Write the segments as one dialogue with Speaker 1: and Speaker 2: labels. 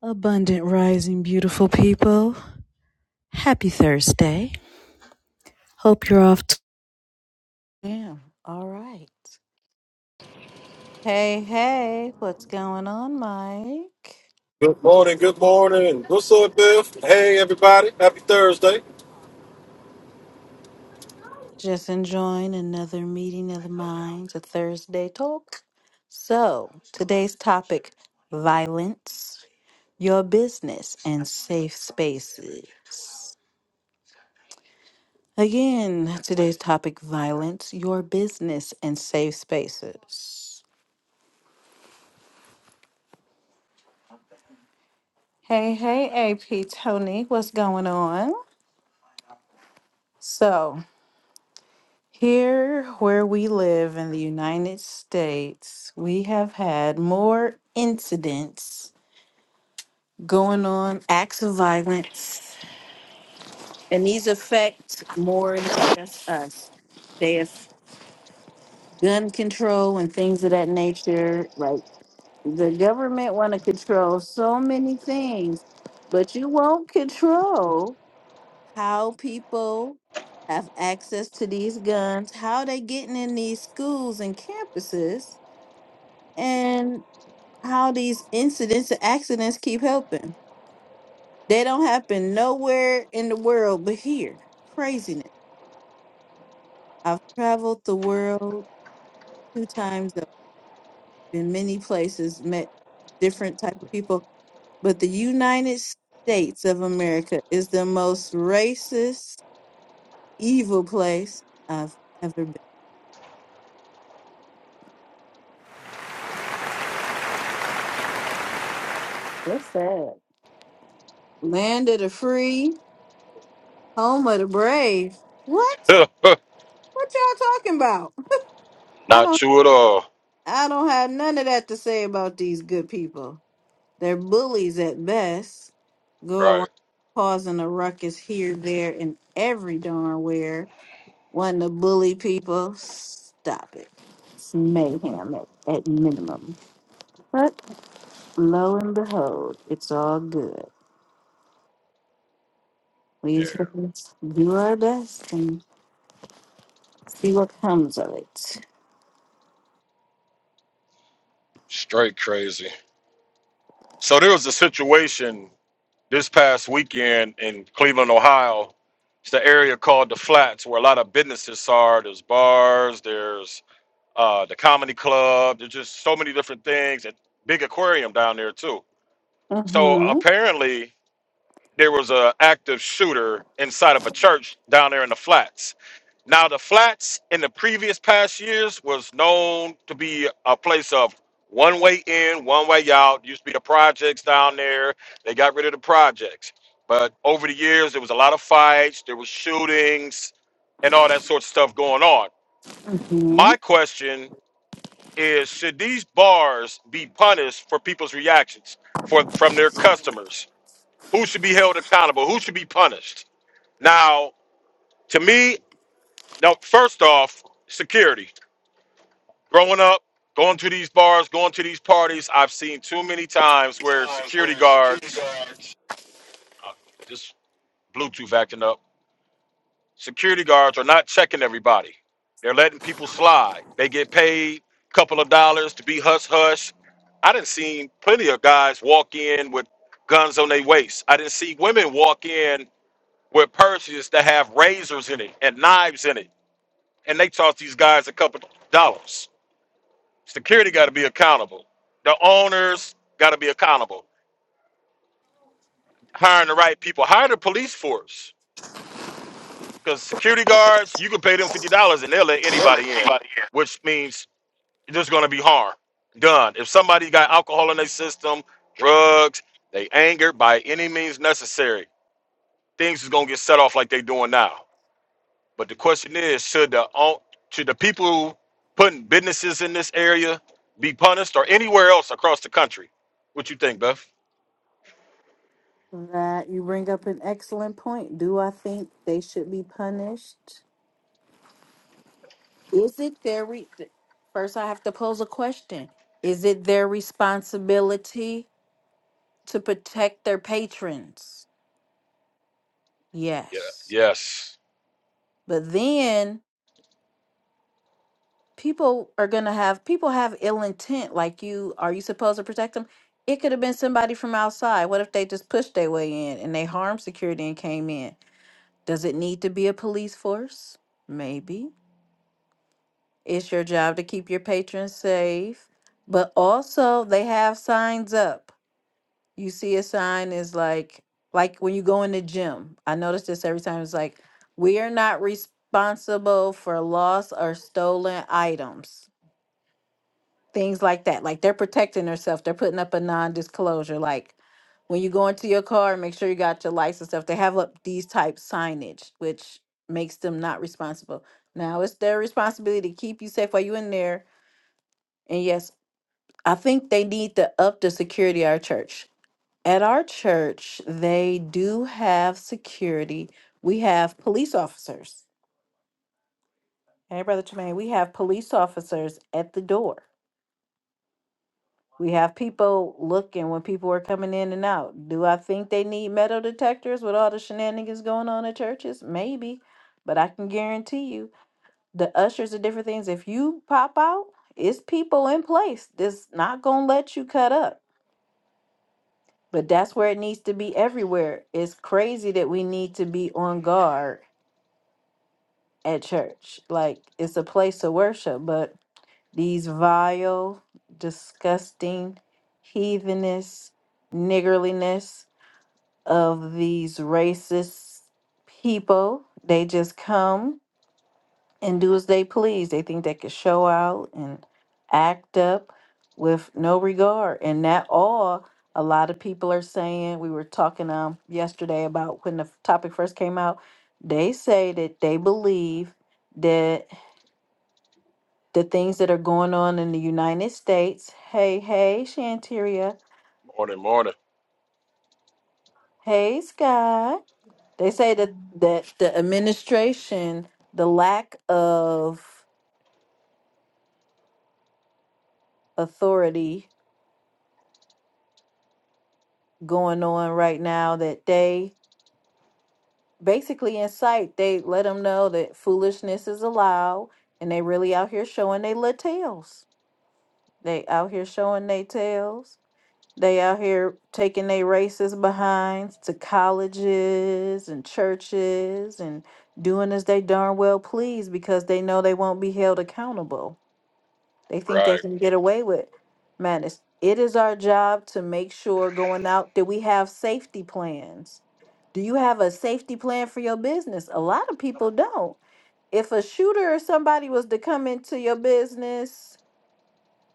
Speaker 1: Abundant rising, beautiful people. Happy Thursday. Hope you're off. To- yeah. All right. Hey, hey, what's going on, Mike?
Speaker 2: Good morning, good morning. What's up, Biff? Hey, everybody. Happy Thursday.
Speaker 1: Just enjoying another meeting of the minds, a Thursday talk. So, today's topic violence, your business, and safe spaces. Again, today's topic violence, your business, and safe spaces. Hey, hey, AP Tony, what's going on? So, here where we live in the United States, we have had more incidents going on, acts of violence, and these affect more than just us. They have gun control and things of that nature. Like the government want to control so many things, but you won't control how people have access to these guns, how they getting in these schools and campuses, and how these incidents and accidents keep helping. They don't happen nowhere in the world but here. Craziness. I've traveled the world two times over, in many places, met different type of people, but the United States of America is the most racist, evil place I've ever been. That's sad. Land of the free, home of the brave. What? What y'all talking about? I don't I don't have none of that to say about these good people. They're bullies at best. Go around causing a ruckus here, there, and every darn where. Wanting to bully people. Stop it. It's mayhem at, at minimum. But lo and behold, it's all good. We just do our best and see what comes of it. Mm-hmm. Mm-hmm. Times where security guards will let anybody in. That you bring up an excellent point. Do I think they should be punished? Is it their re- th- first? I have to pose a question. Is it their responsibility to protect their patrons? Yes. But then people are gonna have people have ill intent like you are you supposed to protect them it could have been somebody from outside what if they just pushed their way in and they harmed security and came in does it need to be a police force maybe it's your job to keep your patrons safe but also they have signs up you see a sign is like like when you go in the gym i notice this every time it's like we are not responsible for lost or stolen items things like that. Like they're protecting themselves. They're putting up a non-disclosure. Like when you go into your car, make sure you got your license stuff. They have up these type signage, which makes them not responsible. Now it's their responsibility to keep you safe while you in there. And yes, I think they need to up the security at our church. At our church, they do have security. We have police officers. Hey, Brother Tremaine, we have police officers at the door We have people looking when people are coming in and out. Do I think they need metal detectors with all the shenanigans going on at churches? Maybe, but I can guarantee you the ushers are different things. If you pop out, it's people in place that's not gonna let you cut up. But that's where it needs to be everywhere. It's crazy that we need to be on guard at church. Like it's a place of worship, but these vile, disgusting, heathenous, niggerliness. of these racist people. They just come and do as they please. They think they can show out and act up with no regard. And that all a lot of people are saying. We were talking um yesterday about when the f- topic first came out. They say that they believe that the things that are going on in the United States. Hey, hey, Shanteria. Hey, Sky. They say that that the administration, the lack of authority going on right now, that they basically incite, they let them know that foolishness is allowed, and they really out here showing they little tails. They out here showing they tails. They out here taking their races behinds to colleges and churches and doing as they darn well please because they know they won't be held accountable. They think they can get away with madness. It is our job to make sure going out that we have safety plans. Do you have a safety plan for your business? A lot of people don't. If a shooter or somebody was to come into your business,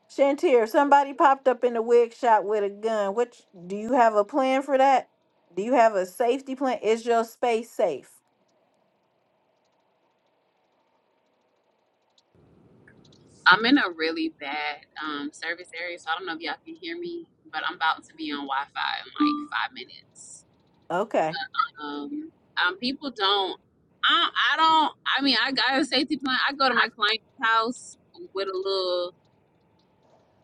Speaker 1: Shantir, if somebody popped up in the wig shop with a gun, what do you have a plan for that? Do you have a safety plan? Is your space safe?
Speaker 3: I'm in a really bad um, service area, so I don't know if y'all can hear me, but I'm about to be on Wi-Fi in like five minutes.
Speaker 1: Okay.
Speaker 3: Um, um, people don't. I, I don't. I mean, I got a safety plan. I go to my client's house with a little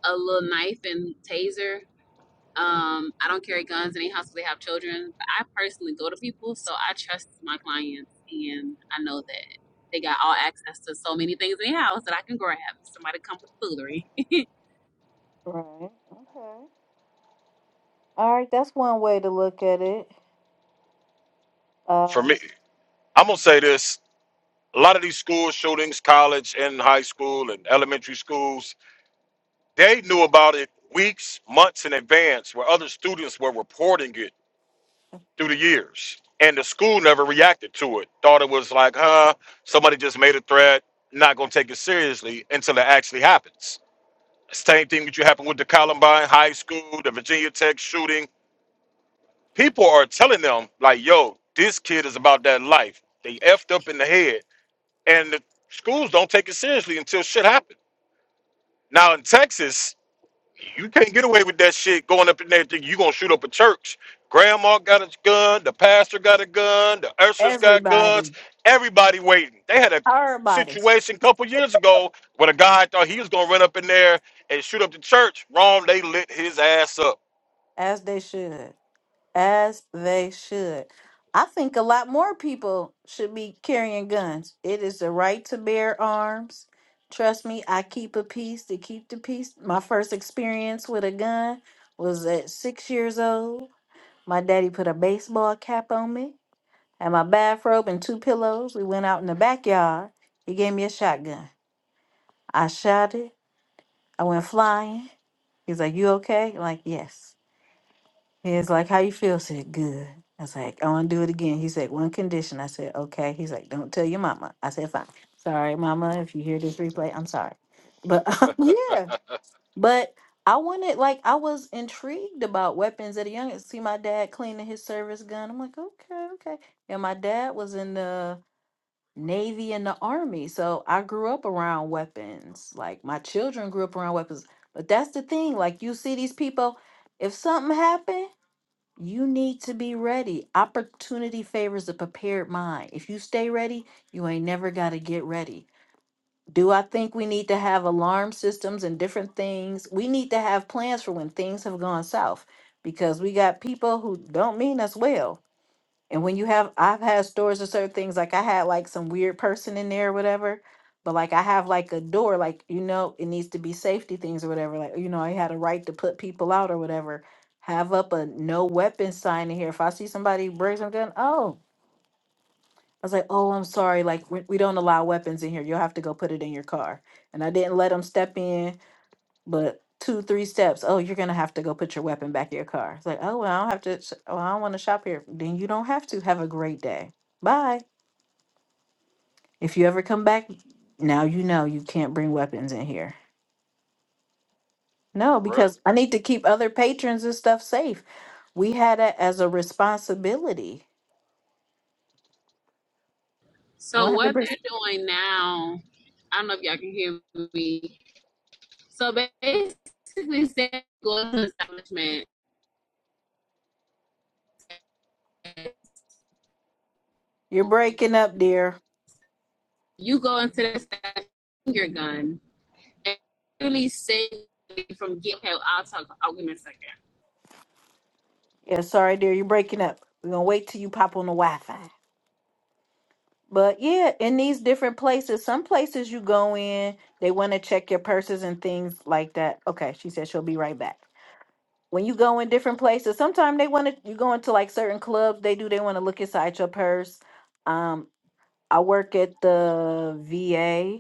Speaker 3: a little knife and taser. Um, I don't carry guns in any house where they have children. But I personally go to people, so I trust my clients, and I know that they got all access to so many things in the house that I can grab. if Somebody come with foolery
Speaker 1: Right. Okay. All right. That's one way to look at it. Uh, everybody. Everybody, as they should, as they should. I think a lot more people should be carrying guns. It is the right to bear arms. Trust me, I keep a peace to keep the peace. My first experience with a gun was at six years old. My daddy put a baseball cap on me and my bathrobe and two pillows. We went out in the backyard. He gave me a shotgun. I shot it. I went flying. He's like, You okay? I'm like, Yes. He was like, How you feel? I said, Good. I was like, I want to do it again. He said, One condition. I said, Okay. He's like, Don't tell your mama. I said, Fine. Sorry, mama. If you hear this replay, I'm sorry. But yeah, but I wanted, like, I was intrigued about weapons at a young age. See my dad cleaning his service gun. I'm like, Okay, okay. And my dad was in the Navy and the Army. So I grew up around weapons. Like, my children grew up around weapons. But that's the thing. Like, you see these people, if something happened, you need to be ready. Opportunity favors the prepared mind. If you stay ready, you ain't never got to get ready. Do I think we need to have alarm systems and different things? We need to have plans for when things have gone south because we got people who don't mean us well. And when you have, I've had stores or certain things like I had like some weird person in there or whatever, but like I have like a door, like you know, it needs to be safety things or whatever. Like you know, I had a right to put people out or whatever. Have up a no weapon sign in here. If I see somebody bring some gun, oh, I was like, oh, I'm sorry, like we, we don't allow weapons in here. You'll have to go put it in your car. And I didn't let them step in but two three steps oh you're gonna have to go put your weapon back in your car it's like oh well i don't have to sh- oh, i don't want to shop here then you don't have to have a great day bye if you ever come back now you know you can't bring weapons in here no because i need to keep other patrons and stuff safe we had it as a responsibility
Speaker 3: So what they're
Speaker 1: 100%
Speaker 3: doing now, I don't know if y'all can hear me. So basically, say you go to an establishment,
Speaker 1: you're breaking up dear
Speaker 3: you go into the establishment, your gun, and really save you from getting help. I'll talk. I'll give me a second.
Speaker 1: yeah sorry dear you're breaking up we're gonna wait till you pop on the wi-fi But yeah, in these different places, some places you go in, they want to check your purses and things like that. Okay, she said she'll be right back. When you go in different places, sometimes they want to, you go into like certain clubs, they do, they want to look inside your purse. Um, I work at the VA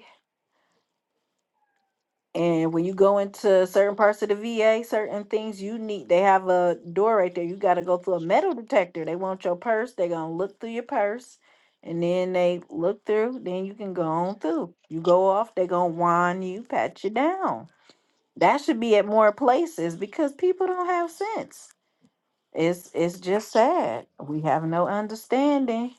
Speaker 1: And when you go into certain parts of the VA, certain things you need, they have a door right there. You got to go through a metal detector. They want your purse. They're going to look through your purse. And then they look through. Then you can go on through. You go off, they're going to wind you, pat you down. That should be at more places because people don't have sense. It's it's just sad. We have no understanding,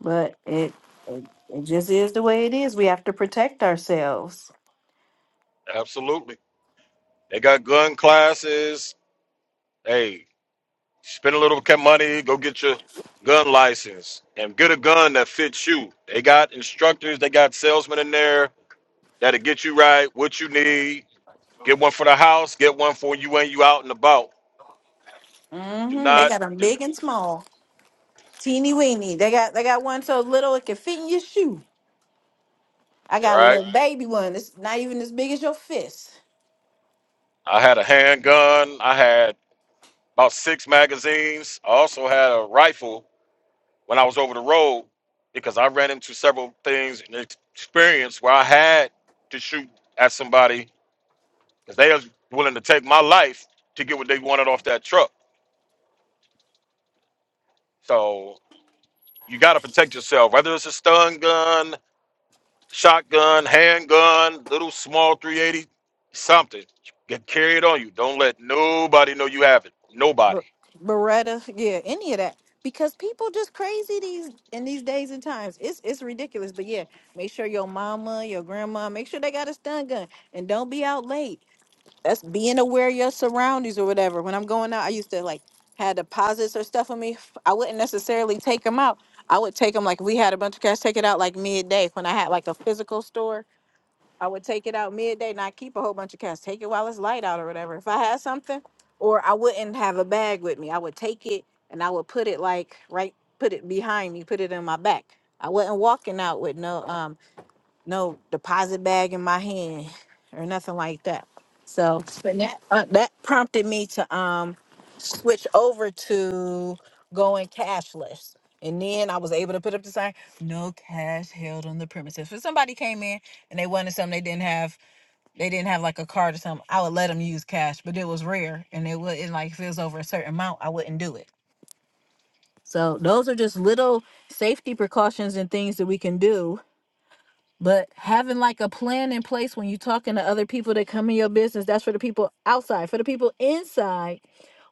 Speaker 1: but it it, it just is the way it is. We have to protect ourselves. hmm They got them big and small. Teeny weeny. They got they got one so little it can fit in your shoe. I got a little Right. baby one. It's not even as big as your fist. But Beretta, yeah, any of that. Because people just crazy these in these days and times. It's it's ridiculous. But yeah, make sure your mama, your grandma, make sure they got a stun gun. And don't be out late. That's being aware of your surroundings or whatever. When I'm going out, I used to like had deposits or stuff on me. I wouldn't necessarily take them out. I would take them like if we had a bunch of cash, take it out like midday when I had like a physical store I would take it out midday, not keep a whole bunch of cash. Take it while it's light out or whatever. If I had something, or I wouldn't have a bag with me. I would take it and I would put it like right, put it behind me, put it in my back. I wasn't walking out with no um no deposit bag in my hand or nothing like that. So but that uh, that prompted me to um switch over to going cashless. And then I was able to put up the sign, no cash held on the premises. If somebody came in and they wanted something they didn't have, they didn't have like a card or something, I would let them use cash, but it was rare and it wouldn't like if it was over a certain amount, I wouldn't do it. So those are just little safety precautions and things that we can do. But having like a plan in place when you're talking to other people that come in your business, that's for the people outside. For the people inside,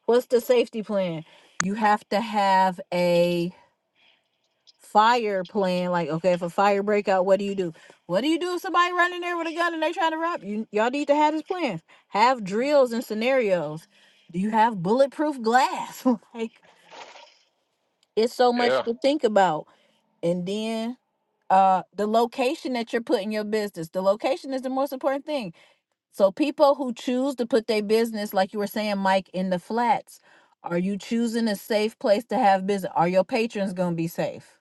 Speaker 1: what's the safety plan? You have to have a fire plan. Like, okay, if a fire break out, what do you do? What do you do if somebody running there with a gun and they trying to rob you? Y'all need to have this plan. Have drills and scenarios. Do you have bulletproof glass? like, it's so much to think about. And then uh the location that you're putting your business. The location is the most important thing. So people who choose to put their business, like you were saying, Mike, in the flats, are you choosing a safe place to have business? Are your patrons gonna be safe?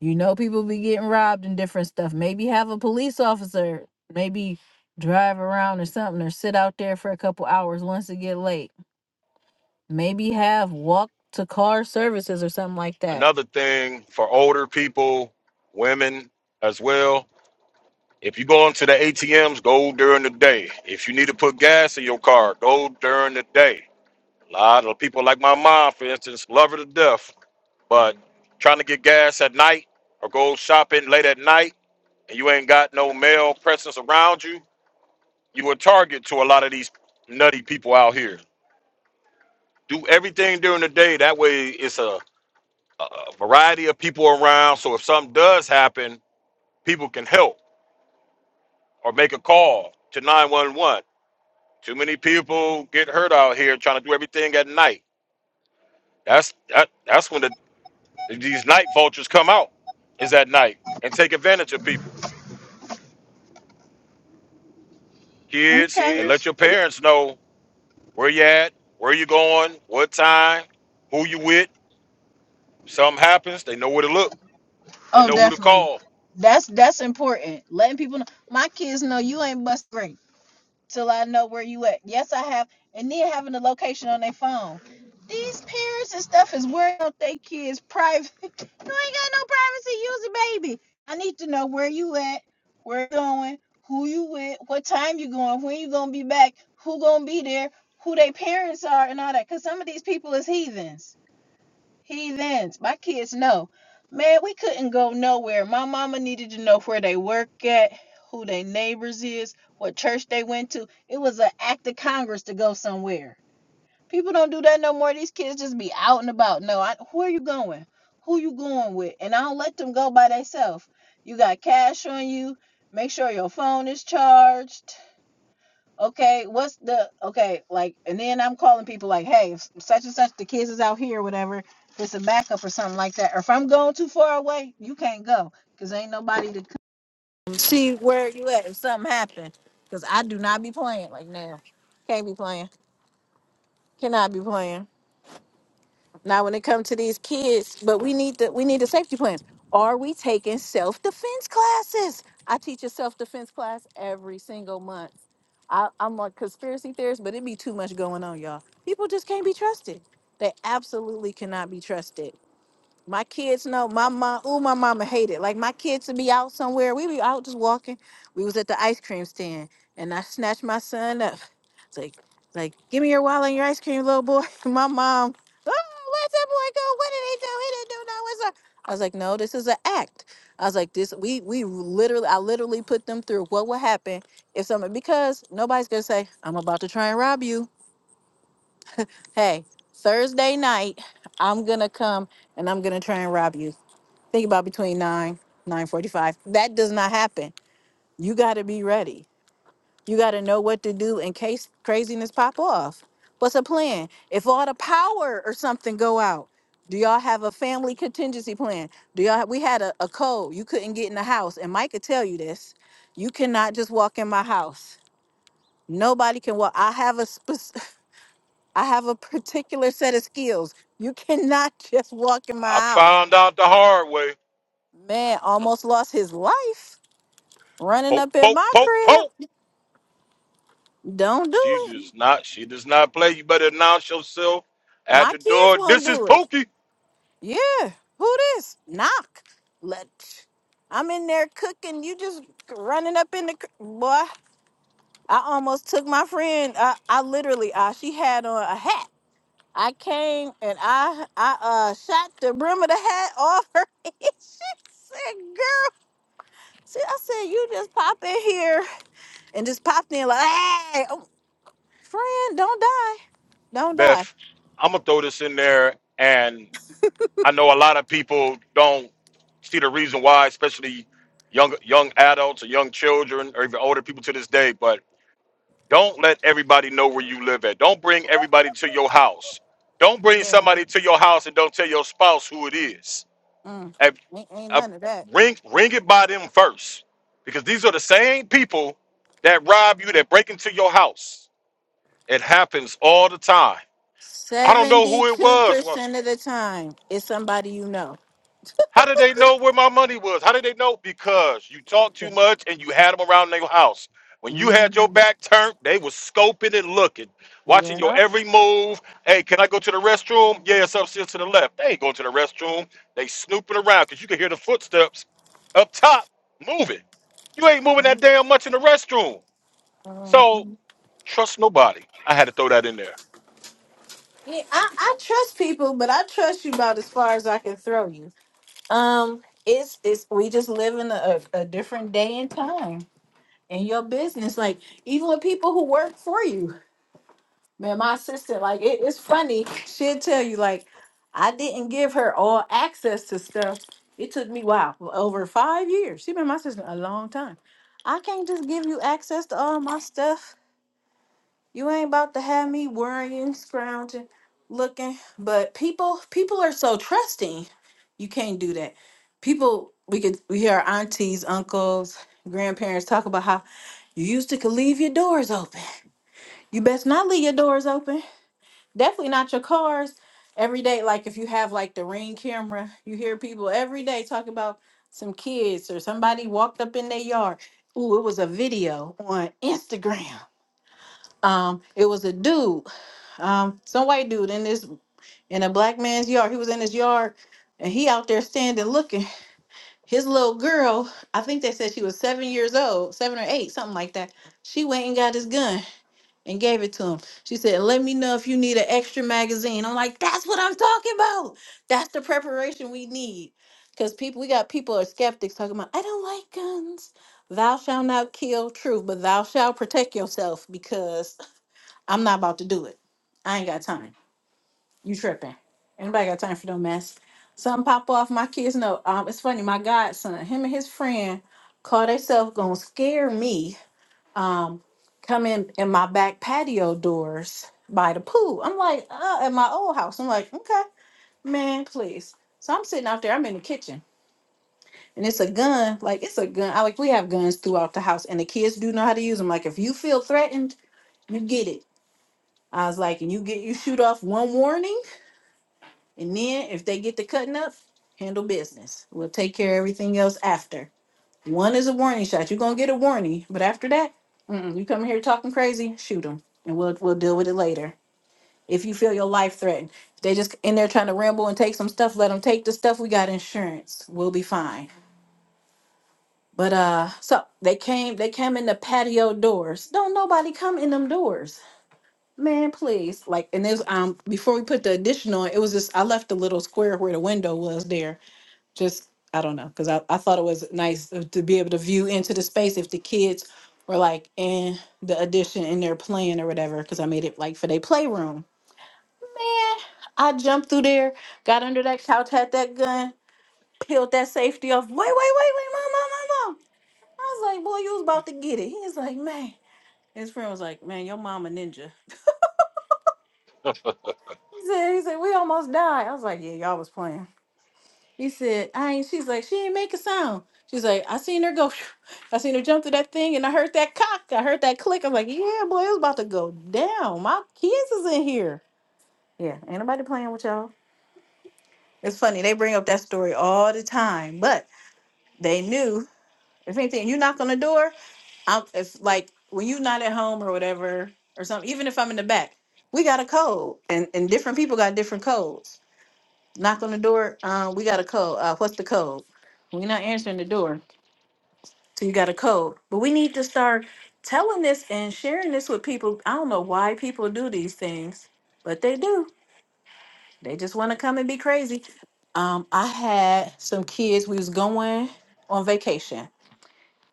Speaker 1: You know, people be getting robbed and different stuff. Maybe have a police officer, maybe drive around or something, or sit out there for a couple hours once it get late. Maybe have walk to car services or something like that. Okay. Kids, ele- Oh, definitely. That's that's important. Letting people know my kids know you ain't bust till I know where you at. Yes, I have. And then having the location on their phone. These parents and stuff is worrying about their kids' private. you ain't got no privacy. Use a baby. I need to know where you at, where you going, who you with, what time you going, when you gonna be back, who gonna be there, who they parents are, and all that. Cause some of these people is heathens. Heathens. My kids know. Man, we couldn't go nowhere. My mama needed to know where they work at, who their neighbors is, what church they went to. It was an act of Congress to go somewhere. People don't do that no more. These kids just be out and about. No, I, where you going? Who you going with? And I don't let them go by themselves. You got cash on you. Make sure your phone is charged okay, what's the okay, like, and then I'm calling people like, hey, if such and such, the kids is out here, or whatever, it's a backup or something like that. Or if I'm going too far away, you can't go because ain't nobody to come see where you at if something happened. Because I do not be playing like now. Can't be playing. Cannot be playing. Now, when it comes to these kids, but we need the we need the safety plans. Are we taking self defense classes? I teach a self defense class every single month. I, I'm a conspiracy theorist, but it be too much going on, y'all. People just can't be trusted. They absolutely cannot be trusted. My kids know my mom. Ooh, my mama hated. Like my kids would be out somewhere. We be out just walking. We was at the ice cream stand, and I snatched my son up. It's like, like, give me your wallet and your ice cream, little boy. My mom. Oh, where's that boy go? What did he do? He didn't do no. What's up? I was like, no, this is an act. I was like, this. We we literally, I literally put them through what would happen if someone because nobody's gonna say I'm about to try and rob you. Hey, Thursday night, I'm gonna come and I'm gonna try and rob you think about between 9 9.45 that does not happen you got to be ready you got to know what to do in case craziness pop off what's a plan if all the power or something go out do y'all have a family contingency plan do y'all we had a, a cold you couldn't get in the house and mike could tell you this you cannot just walk in my house nobody can walk i have a spec- i have a particular set of skills you cannot just walk in my house man almost lost his life Running up in my crib. Don't do it. My kids won't do it. Yeah. Who this? Knock. Let. I'm in there cooking. You just running up in the cr- boy. I almost took my friend. I, I literally. Uh, she had on a hat. I came and I I uh shot the brim of the hat off her. head. she said, "Girl." See, I said, "You just pop in here and just popped in like, hey, oh, friend, don't die, don't die." Yeah. Mm, ain't, ain't none of that. 72% of the time, it's somebody you know. Mhm. Yep. Mhm. Yeah, I, I trust people, but I trust you about as far as I can throw you. Um, it's it's we just live in a, a, a different day and time in your business. Like even with people who work for you, Man, my sister, like it, it's funny. She'll tell you, like, I didn't give her all access to stuff. It took me wow, over five years. She been my sister a long time. I can't just give you access to all my stuff. You ain't about to have me worrying, scrounging, looking. But people, people are so trusting. You can't do that. People, we could we hear our aunties, uncles, grandparents talk about how you used to could leave your doors open. You best not leave your doors open definitely not your cars every day like if you have like the ring camera you hear people every day talk about some kids or somebody walked up in their yard Ooh, it was a video on instagram um it was a dude um some white dude in this in a black man's yard he was in his yard and he out there standing looking his little girl i think they said she was seven years old seven or eight something like that she went and got his gun and gave it to him. She said, Let me know if you need an extra magazine. I'm like, That's what I'm talking about. That's the preparation we need. Because people, we got people are skeptics talking about, I don't like guns. Thou shalt not kill, true, but thou shalt protect yourself because I'm not about to do it. I ain't got time. You tripping. Anybody got time for no mess? Something pop off. My kids know. Um, it's funny, my godson, him and his friend call themselves gonna scare me um, come in in my back patio doors by the pool. I'm like, uh, at my old house. I'm like, okay, man, please. So I'm sitting out there. I'm in the kitchen, and it's a gun. Like it's a gun. I like we have guns throughout the house, and the kids do know how to use them. Like if you feel threatened, you get it. I was like, and you get you shoot off one warning, and then if they get to cutting up, handle business. We'll take care of everything else after. One is a warning shot. You're gonna get a warning, but after that, mm-mm, you come here talking crazy, shoot them, and we'll we'll deal with it later. If you feel your life threatened, if they just in there trying to ramble and take some stuff, let them take the stuff. We got insurance. We'll be fine. But uh, so they came, they came in the patio doors. Don't nobody come in them doors, man. Please, like, and there's um before we put the addition on, it was just I left a little square where the window was there just I don't know because I, I thought it was nice to be able to view into the space if the kids were like in the addition and they're playing or whatever because I made it like for their playroom. Man, I jumped through there, got under that couch, had that gun, peeled that safety off. Wait, wait, wait, wait, mom, mom, mom, mom. I was like, boy, you was about to get it. He was like, man. His friend was like, man, your mom a ninja. He said, he said, we almost died. I was like, yeah, y'all was playing. He said, I ain't, she's like, she ain't make a sound. She's like, I seen her go. I seen her jump to that thing and I heard that cock. I heard that click. I'm like, yeah, boy, it was about to go down. My kids is in here. Yeah, ain't nobody playing with y'all. It's funny. They bring up that story all the time, but they knew if anything, you knock on the door, I'm, if like when you not at home or whatever or something, even if I'm in the back, we got a code and, and different people got different codes. Knock on the door, uh, we got a code. Uh, what's the code? We're not answering the door So you got a code. But we need to start telling this and sharing this with people. I don't know why people do these things, but they do. They just want to come and be crazy. Um, I had some kids, we was going on vacation,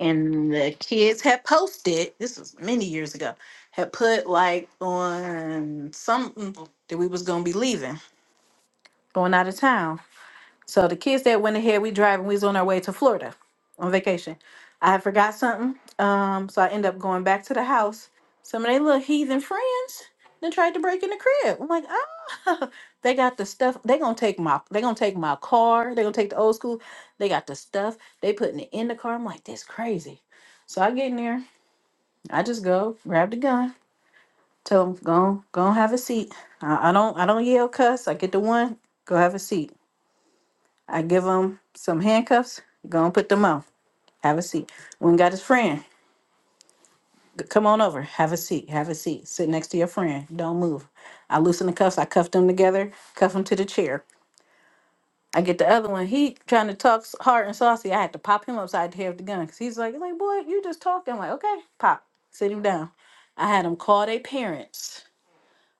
Speaker 1: and the kids had posted, this was many years ago, had put like on something that we was gonna be leaving, going out of town. So the kids that went ahead, we driving, we was on our way to Florida on vacation. I had forgot something. Um, so I end up going back to the house. Some of their little heathen friends then tried to break in the crib. I'm like, oh they got the stuff. They gonna take my they gonna take my car. They gonna take the old school. They got the stuff. They putting it in the car. I'm like, this crazy. So I get in there, I just go, grab the gun, tell them, go, go and have a seat. I, I don't I don't yell cuss. I get the one, go have a seat. I give him some handcuffs. Go and put them on. Have a seat. When got his friend, g- come on over. Have a seat. Have a seat. Sit next to your friend. Don't move. I loosen the cuffs. I cuff them together. Cuff him to the chair. I get the other one. He trying to talk s- hard and saucy. I had to pop him upside the head with the gun because he's like, like boy, you just talking. I'm like, okay, pop. Sit him down. I had him call their parents.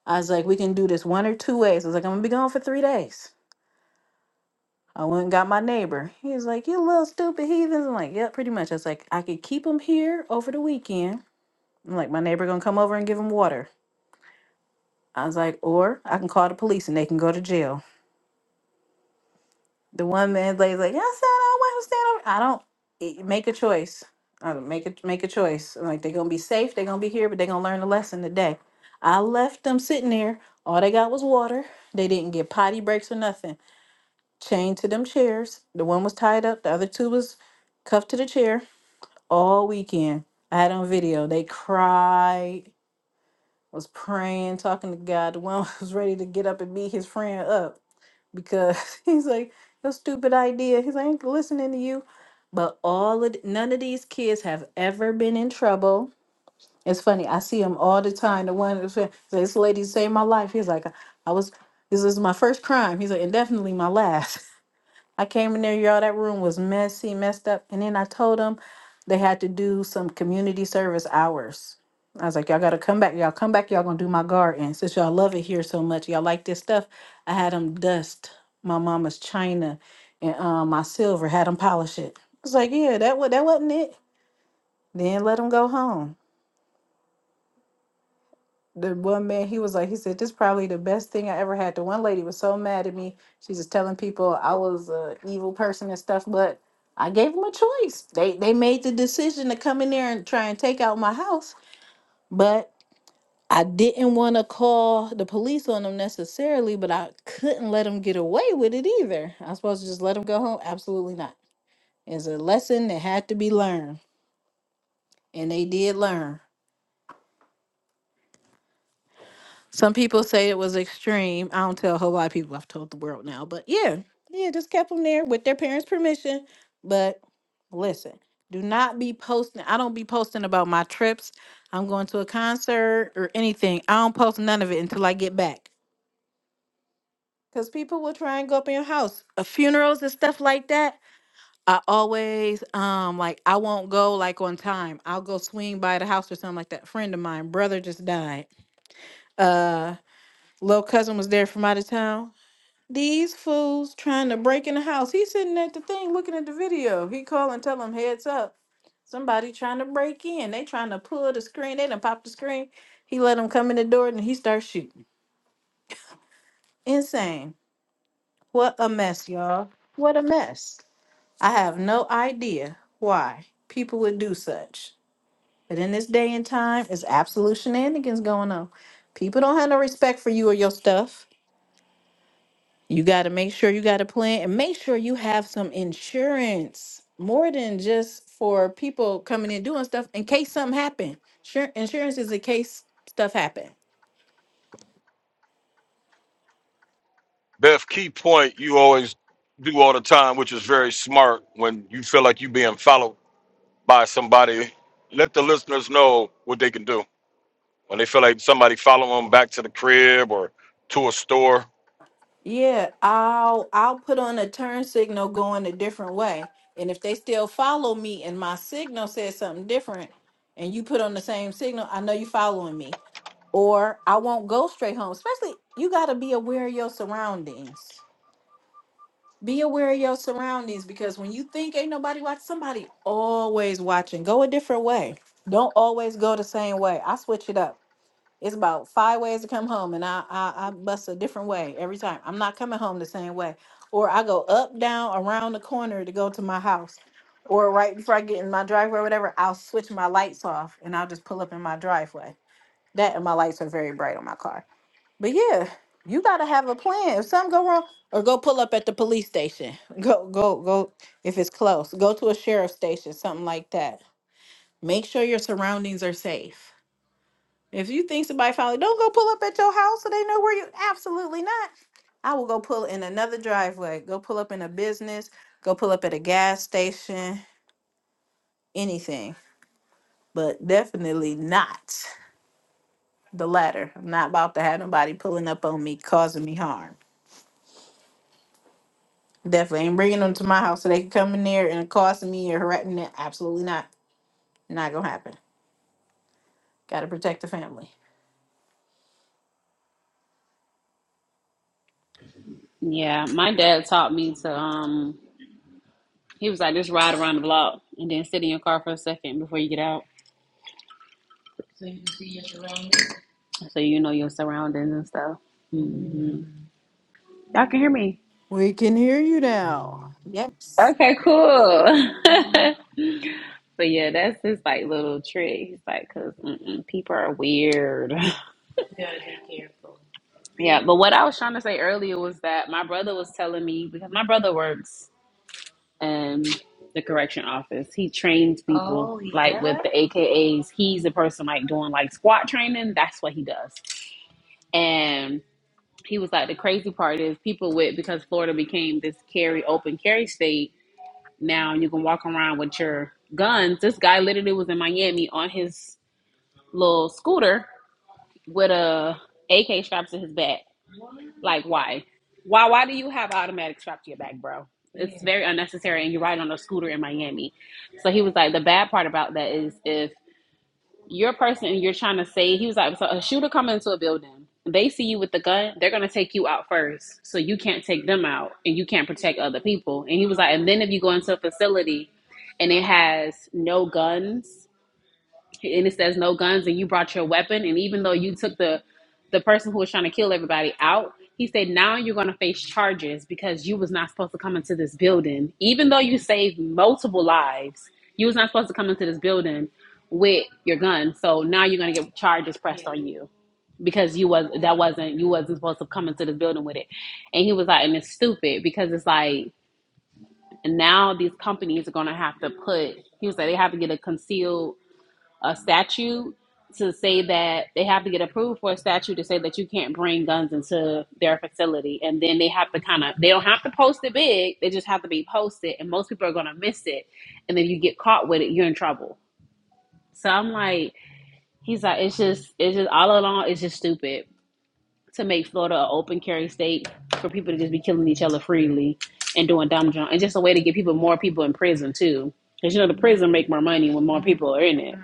Speaker 1: I was like, we can do this one or two ways. I was like, I'm gonna be gone for three days. I went and got my neighbor. He was like, "You little stupid heathens." I'm like, "Yep, pretty much." I was like, "I could keep them here over the weekend." I'm like, "My neighbor gonna come over and give them water." I was like, "Or I can call the police and they can go to jail." The one man lady's like, "I said I want to stand over." I don't it- make a choice. I don't make a make a choice. I'm like they're gonna be safe. They're gonna be here, but they're gonna learn a lesson today. I left them sitting there. All they got was water. They didn't get potty breaks or nothing. Chained to them chairs. The one was tied up. The other two was cuffed to the chair all weekend. I had on video. They cried, was praying, talking to God. The one was ready to get up and beat his friend up because he's like, "Your stupid idea." He's like, "I ain't listening to you." But all of th- none of these kids have ever been in trouble. It's funny. I see him all the time. The one that's like, this lady saved my life. He's like, I was. This is my first crime. He's like, and definitely my last. I came in there, y'all. That room was messy, messed up. And then I told them they had to do some community service hours. I was like, y'all got to come back. Y'all come back. Y'all going to do my garden. Since y'all love it here so much, y'all like this stuff. I had them dust my mama's china and um, my silver, had them polish it. I was like, yeah, that, wa- that wasn't it. Then let them go home. the one man he was like he said this probably the best thing i ever had the one lady was so mad at me she's just telling people i was a evil person and stuff but i gave them a choice they they made the decision to come in there and try and take out my house but i didn't want to call the police on them necessarily but i couldn't let them get away with it either i was supposed to just let them go home absolutely not it's a lesson that had to be learned and they did learn Some people say it was extreme. I don't tell a whole lot of people. I've told the world now, but yeah, yeah, just kept them there with their parents' permission. But listen, do not be posting. I don't be posting about my trips. I'm going to a concert or anything. I don't post none of it until I get back. Cause people will try and go up in your house. Uh, funerals and stuff like that. I always um like I won't go like on time. I'll go swing by the house or something like that. Friend of mine, brother just died. Uh, little cousin was there from out of town These fools trying to break in the house. He's sitting at the thing looking at the video. He call and tell him heads up. Somebody trying to break in. They trying to pull the screen. They done pop the screen. He let them come in the door and he starts shooting. Insane. What a mess, y'all. What a mess. I have no idea why people would do such. But in this day and time, it's absolute shenanigans going on. People don't have no respect for you or your stuff. You got to make sure you got a plan and make sure you have some insurance more than just for people coming in doing stuff in case something happen. Sure, insurance is in case stuff happen. Yeah, I'll I'll put on a turn signal going a different way. And if they still follow me and my signal says something different and you put on the same signal, I know you following me. Or I won't go straight home. Especially you got to be aware of your surroundings Be aware of your surroundings because when you think ain't nobody watching, somebody always watching. Go a different way. Don't always go the same way. I switch it up. It's about five ways to come home, and I I, I bust a different way every time. I'm not coming home the same way, or I go up, down, around the corner to go to my house, or right before I get in my driveway or whatever. I'll switch my lights off, and I'll just pull up in my driveway. That and my lights are very bright on my car. But yeah, you gotta have a plan. If something go wrong, or go pull up at the police station. Go, go, go. If it's close, go to a sheriff's station, something like that. Make sure your surroundings are safe. If you think somebody finally don't go pull up at your house so they know where you absolutely not. I will go pull in another driveway. Go pull up in a business. Go pull up at a gas station. Anything, but definitely not the latter. I'm not about to have nobody pulling up on me, causing me harm. Definitely ain't bringing them to my house so they can come in there and accost me or harass me. Absolutely not. Not gonna happen. Got to protect the family.
Speaker 3: Yeah, my dad taught me to. Um, he was like, just ride around the block and then sit in your car for a second before you get out, so you know your surroundings and stuff. hmm Y'all can hear me.
Speaker 1: We can hear you now. Yes.
Speaker 3: Okay, cool. But yeah, that's his like little trick. He's like, because people are weird. yeah, but what I was trying to say earlier was that my brother was telling me because my brother works in the correction office. He trains people like with yeah. the AKAs. He's the person like doing like squat training. That's what he does. And he was like, the crazy part is people with because Florida became this carry open carry state. Now you can walk around with your guns. This guy literally was in Miami on his little scooter with a AK strapped to his back. Like why? Why why do you have an automatic strapped to your back, bro? It's very unnecessary and you're riding on a scooter in Miami. So he was like, the bad part about that is if your person you're trying to save, he was like, so a shooter come into a building, they see you with the gun, they're gonna take you out first. So you can't take them out and you can't protect other people. And he was like, and then if you go into a facility and it has no guns and it says no guns and you brought your weapon and even though you took the the person who was trying to kill everybody out he said now you're going to face charges because you was not supposed to come into this building even though you saved multiple lives you was not supposed to come into this building with your gun so now you're going to get charges pressed on you because you was that wasn't you wasn't supposed to come into this building with it and he was like and it's stupid because it's like now these companies are going to have to put he was like they have to get a concealed a statute to say that they have to get approved for a statute to say that you can't bring guns into their facility and then they have to kind of they don't have to post it big they just have to be posted and most people are going to miss it and then you get caught with it you're in trouble so i'm like he's like it's just it's just all along it's just stupid to make florida an open carry state for people to just be killing each other freely and doing dumb junk it's just a way to get people more people in prison too because you know the prison make more money when more people are in it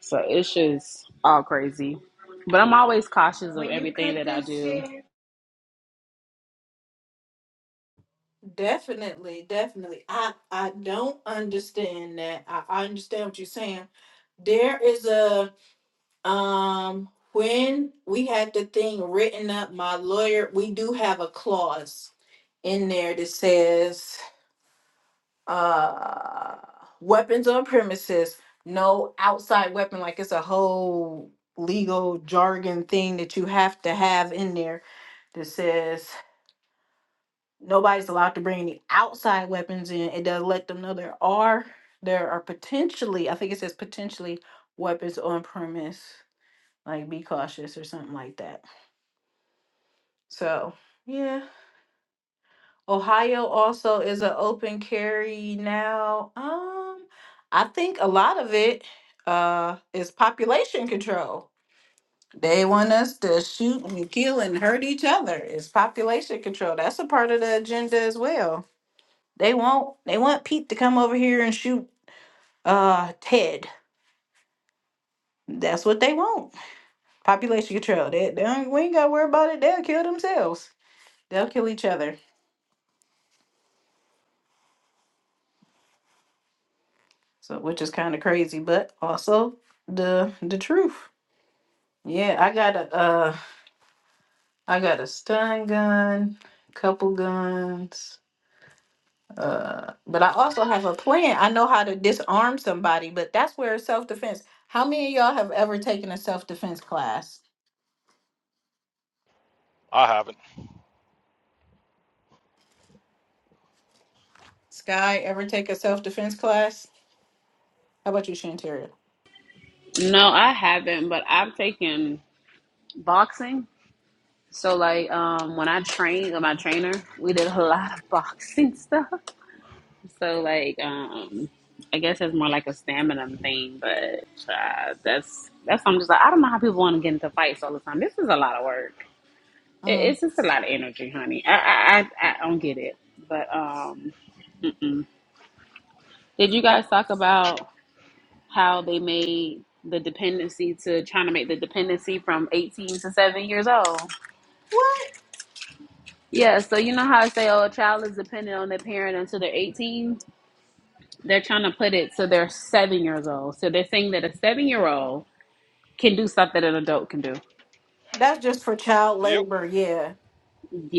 Speaker 3: So it's just all crazy. But I'm always cautious of everything that I do.
Speaker 1: Definitely, definitely. I I don't understand that. I, I understand what you're saying. There is a um when we had the thing written up, my lawyer, we do have a clause in there that says uh weapons on premises no outside weapon like it's a whole legal jargon thing that you have to have in there that says nobody's allowed to bring any outside weapons in it does let them know there are there are potentially i think it says potentially weapons on premise like be cautious or something like that so yeah Ohio also is an open carry now. Um, I think a lot of it uh is population control. They want us to shoot and kill and hurt each other. It's population control. That's a part of the agenda as well. They want they want Pete to come over here and shoot uh Ted. That's what they want. Population control. They, they don't, we ain't gotta worry about it. They'll kill themselves. They'll kill each other. So which is kind of crazy, but also the the truth. Yeah, I got a uh I got a stun gun, couple guns. Uh but I also have a plan. I know how to disarm somebody, but that's where it's self-defense. How many of y'all have ever taken a self-defense class? Sky ever take a self-defense class? How about you, Shantaria?
Speaker 3: No, I haven't, but I've taken boxing. So like um when I trained with my trainer, we did a lot of boxing stuff. So like um I guess it's more like a stamina thing, but uh, that's that's I'm just like I don't know how people want to get into fights all the time. This is a lot of work. It,
Speaker 1: Mm.
Speaker 3: it's just a lot of energy, honey. I I I, I don't get it. But um, mm-mm. did you guys talk about? how they made the dependency to trying to make the dependency from 18 to 7 years old.
Speaker 1: What?
Speaker 3: Yeah, so you know how I say, oh, a child is dependent on their parent until they're 18? They're trying to put it so they're seven years old. So they're saying that a seven year old can do stuff that an adult can do.
Speaker 1: That's just for child labor, yeah.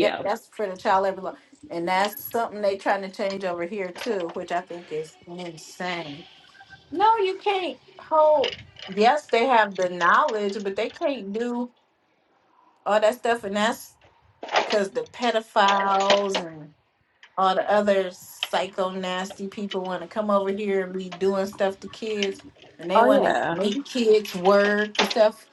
Speaker 1: Yep, that's for the child labor law. And that's something they trying to change over here too, which I think is insane. No, you can't hold. Yes, they have the knowledge, but they can't do all that stuff, and that's because the pedophiles and all the other psycho nasty people want to come over here and be doing stuff to kids, and they
Speaker 3: Oh,
Speaker 1: want to
Speaker 3: yeah.
Speaker 1: make kids work and stuff,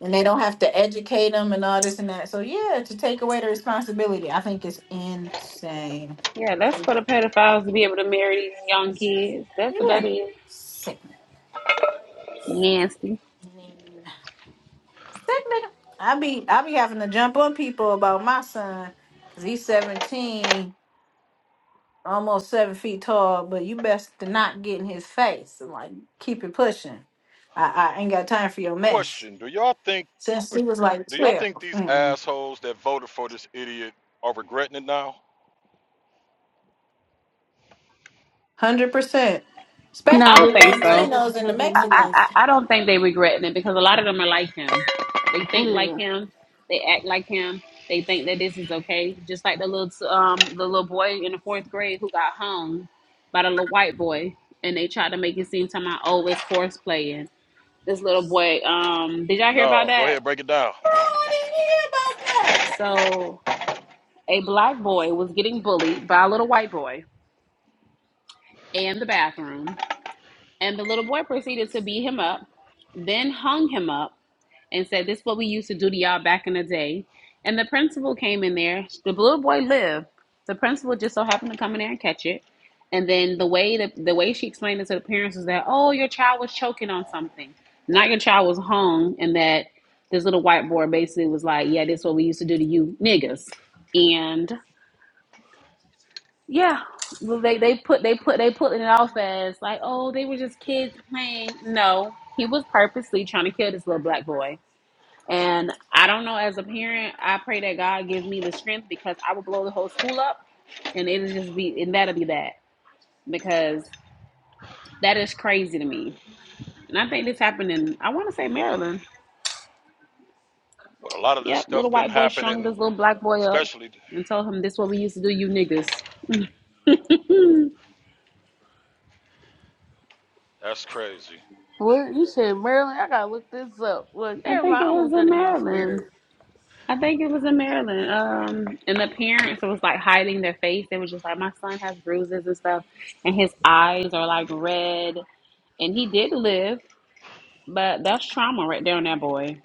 Speaker 1: and they don't have to educate them and all this and that. So yeah, to take away the responsibility, I think it's insane.
Speaker 3: Yeah, that's for the pedophiles to be able to marry these young kids. That's what
Speaker 1: Yeah,
Speaker 3: that is.
Speaker 1: sick.
Speaker 3: Nasty.
Speaker 1: That nigga, I be I be having to jump on people about my son because he's seventeen, almost seven feet tall. But you best to not get in his face and like keep it pushing. I, I ain't got time for your mess. Since he was like twelve, hundred percent,
Speaker 3: I
Speaker 4: Nah, they
Speaker 1: especially
Speaker 3: don't
Speaker 1: the
Speaker 4: ain't
Speaker 3: think
Speaker 4: regretting
Speaker 3: so.
Speaker 4: it
Speaker 1: Latinos and the
Speaker 4: because they
Speaker 3: I,
Speaker 4: money.
Speaker 1: Mexicans.
Speaker 3: I, I don't think they regretting it because a lot of them are like him. They think like
Speaker 4: Yeah.
Speaker 3: him. They act like him. They think that this is okay. Just like the little t- um the little boy in the fourth grade who got hung by the little white boy, and they tried to make it seem to my oh it's horse playing. This little boy. Um, did y'all hear about that?
Speaker 1: I didn't hear about that.
Speaker 3: So a black boy was getting bullied by a little white boy in the bathroom, and the little boy proceeded to beat him up, then hung him up. and said, This is what we used to do to y'all back in the day. And the principal came in there. The little boy lived. The principal just so happened to come in there and catch it. And then the way that the way she explained it to the parents was that, oh, your child was choking on something. Not your child was hung, and that this little whiteboard basically was like, Yeah, this is what we used to do to you niggas. And yeah. Well they, they put they put they put it off as like, oh, they were just kids playing. No, he was purposely trying to kill this little black boy and I don't know, as a parent, I pray that God gives me the strength because I will blow the whole school up and it'll just be, and that'll be that because that is crazy to me. And I think this happened in, I want to say Maryland. Yep, little white boy strung this little black boy up and told him, This what we used to do, you niggas.
Speaker 4: Well, you said Maryland. I gotta look this up. Well,
Speaker 3: I
Speaker 4: never
Speaker 3: think
Speaker 4: mind. I
Speaker 3: it
Speaker 4: don't
Speaker 3: was
Speaker 4: want that
Speaker 3: in
Speaker 4: in my
Speaker 3: Maryland.
Speaker 4: spirit.
Speaker 3: I think it was in Maryland. Um, and the parents was like hiding their face. They was just like, My son has bruises and stuff, and his eyes are like red. And he did live. But that's trauma right there on that boy.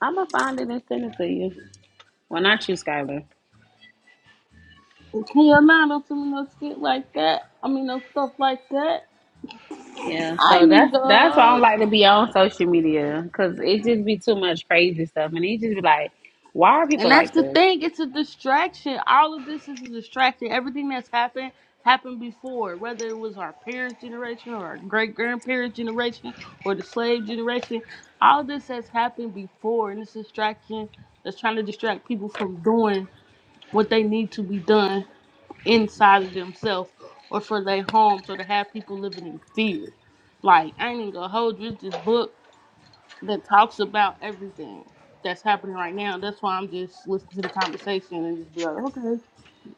Speaker 3: I'ma find it and send it to you. Well, not you, Skylar.
Speaker 4: Can you not don't send me no shit like that? I mean, no stuff like that.
Speaker 3: Yeah.
Speaker 4: I
Speaker 3: So
Speaker 4: need
Speaker 3: that's that's why I don't
Speaker 4: the.
Speaker 3: like to be on social media because it just be too much crazy stuff, and it just be like, why are people
Speaker 4: And that's
Speaker 3: like
Speaker 4: the
Speaker 3: this?
Speaker 4: thing. It's a distraction. All of this is a distraction. Everything that's happened happened before, whether it was our parents' generation or our great grandparents' generation or the slave generation. All this has happened before, and it's a distraction that's trying to distract people from doing what they need to be done inside of themselves or for their homes or to have people living in fear. Like, I ain't even gonna hold you. It's this book that talks about everything that's happening right now. That's why I'm just listening to the conversation and just be like, okay,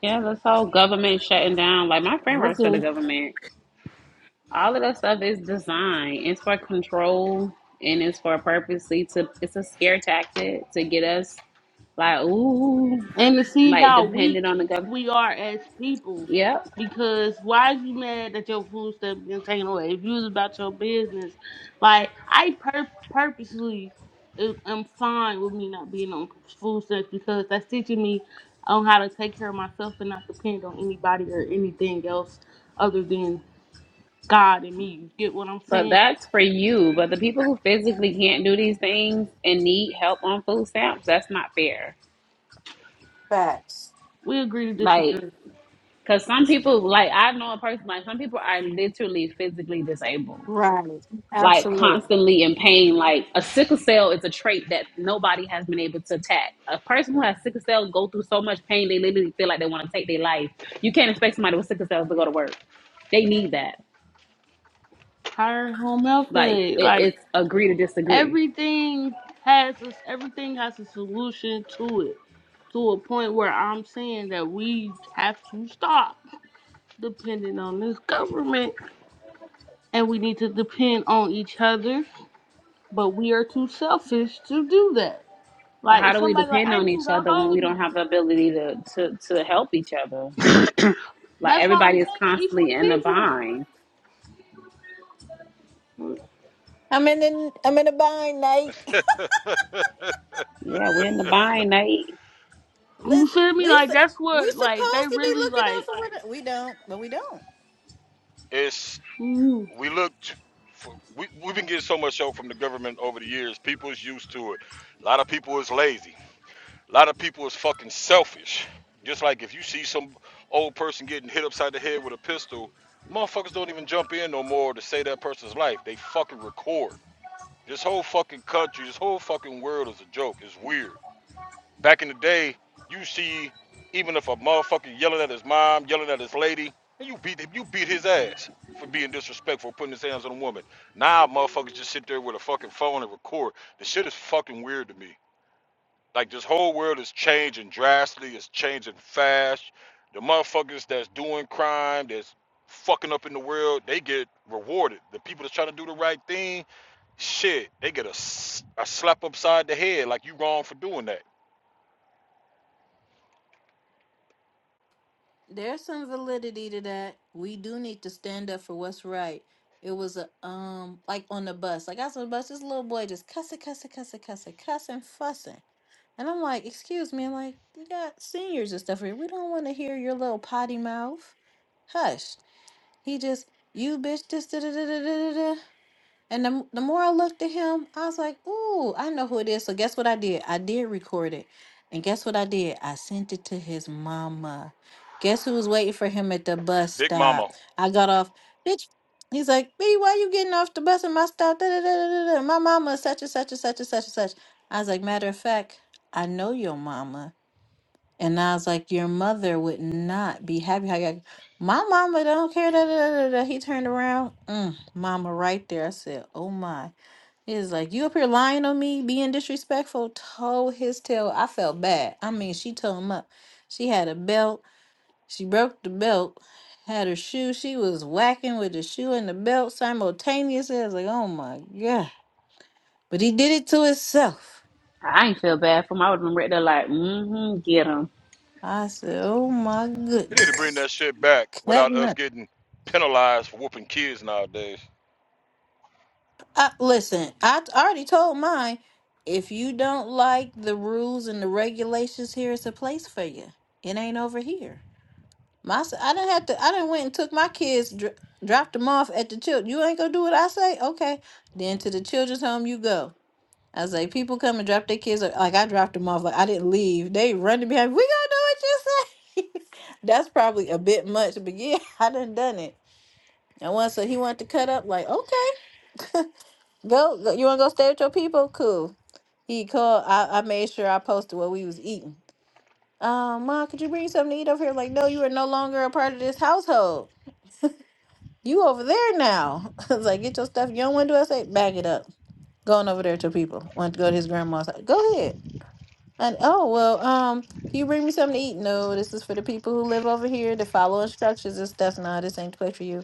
Speaker 3: Yeah, this whole government shutting down. Like my friend works for the
Speaker 4: okay.
Speaker 3: government. All of that stuff is designed. It's for control and it's for purposely to. It's a scare tactic to get us like, ooh,
Speaker 4: And to see
Speaker 3: like
Speaker 4: how
Speaker 3: dependent
Speaker 4: weak
Speaker 3: on the government.
Speaker 4: we are as people.
Speaker 3: Yep.
Speaker 4: Because why is you mad that your food stuff being taken away? If you was about your business, like I pur- purposely am am fine with me not being on food stamps because that's teaching me on how to take care of myself and not depend on anybody or anything else other than God and me. You get what I'm
Speaker 3: But
Speaker 4: saying?
Speaker 3: that's for you. But the people who physically can't do these things and need help on food stamps, that's not fair.
Speaker 1: Facts,
Speaker 4: We agree to
Speaker 3: Like,
Speaker 4: disagree.
Speaker 3: because some people, like, I know a person, like, some people are literally physically disabled,
Speaker 1: right?
Speaker 3: like,
Speaker 1: Absolutely.
Speaker 3: constantly in pain. Like, a sickle cell is a trait that nobody has been able to attack. A person who has sickle cell go through so much pain, they literally feel like they want to take their life. You can't expect somebody with sickle cells to go to work. They need that.
Speaker 4: Hire home health
Speaker 3: Like,
Speaker 4: aid.
Speaker 3: it,
Speaker 4: Like
Speaker 3: it's agree to disagree.
Speaker 4: everything has a, everything has a solution to it to a point where i'm saying that we have to stop depending on this government and we need to depend on each other but we are too selfish to do that
Speaker 3: But how
Speaker 4: like
Speaker 3: do we
Speaker 4: somebody like
Speaker 3: depend
Speaker 4: i need
Speaker 3: on each
Speaker 4: to
Speaker 3: other when we
Speaker 4: hold you
Speaker 3: don't have the ability to, to, to help each other? Like
Speaker 4: that's why i'm
Speaker 3: everybody is
Speaker 4: saying each one
Speaker 3: constantly in the
Speaker 4: teach
Speaker 3: bind.
Speaker 4: one
Speaker 1: I'm in the I'm in a bind, Nate.
Speaker 3: Yeah, we're in the bind, Nate.
Speaker 4: you
Speaker 1: Listen,
Speaker 4: feel me
Speaker 1: we
Speaker 4: like
Speaker 1: su-
Speaker 4: that's
Speaker 1: we
Speaker 4: what like they
Speaker 1: supposed to be
Speaker 4: really
Speaker 1: looking out
Speaker 4: like
Speaker 1: for what we don't, but we don't. There's some validity to that. We do need to stand up for what's right. It was a um like on the bus. Like I was on the bus, this little boy just cussing, cussing, cussing, cussing, cussing, fussing. And I'm like, excuse me, I'm like, you got seniors and stuff here. We don't want to hear your little potty mouth. Hush. He just you bitch this da da da da da da. And the, the more I looked at him, I was like, ooh, I know who it is. So guess what I did? I did record it. And guess what I did? I sent it to his mama. Guess who was waiting for him at the bus stop? I got off. Bitch, he's like, B, why you getting off the bus at my stop? Da, da, da, da, da, da. My mama is such and such and such and such and such. I was like, matter of fact, I know your mama. And I was like, Your mother would not be happy. I got, My mama don't care. Da, da, da, da. da." He turned around. Mm, mama, right there. I said, Oh my. He's like, You up here lying on me, being disrespectful. Told his tail. I felt bad. I mean, she told him up. She had a belt. She broke the belt, had her shoe. She was whacking with the shoe and the belt simultaneously. I was like, Oh my God. But he did it to himself.
Speaker 3: I ain't feel bad for him. I would have been ready to like, mm-hmm, get him.
Speaker 1: I said, Oh my goodness. Cutting up. I, listen, I t- already told mine. If you don't like the rules and the regulations here, it's a place for you. It ain't over here. My, s- I didn't have to. I didn't went and took my kids, dr- dropped them off at the child. You ain't gonna do what I say, okay? Then to the children's home you go. I was like, people come and drop their kids. off- Like I dropped them off. Like I didn't leave. They running behind. We gonna do what you say. That's probably a bit much, but yeah, I done done it. And once so he wanted to cut up. Like okay. Go, go you want to go stay with your people? Cool. He called. I, I made sure I posted what we was eating. Um, ma, could you bring something to eat over here? Like, no, you are no longer a part of this household. You over there now. I was like, get your stuff. You don't want to do what I say? Bag it up. Going over there to people. Want to go to his grandma's house. Go ahead. And oh well, um, can you bring me something to eat? No, this is for the people who live over here to follow instructions and stuff. No, this ain't the place for you.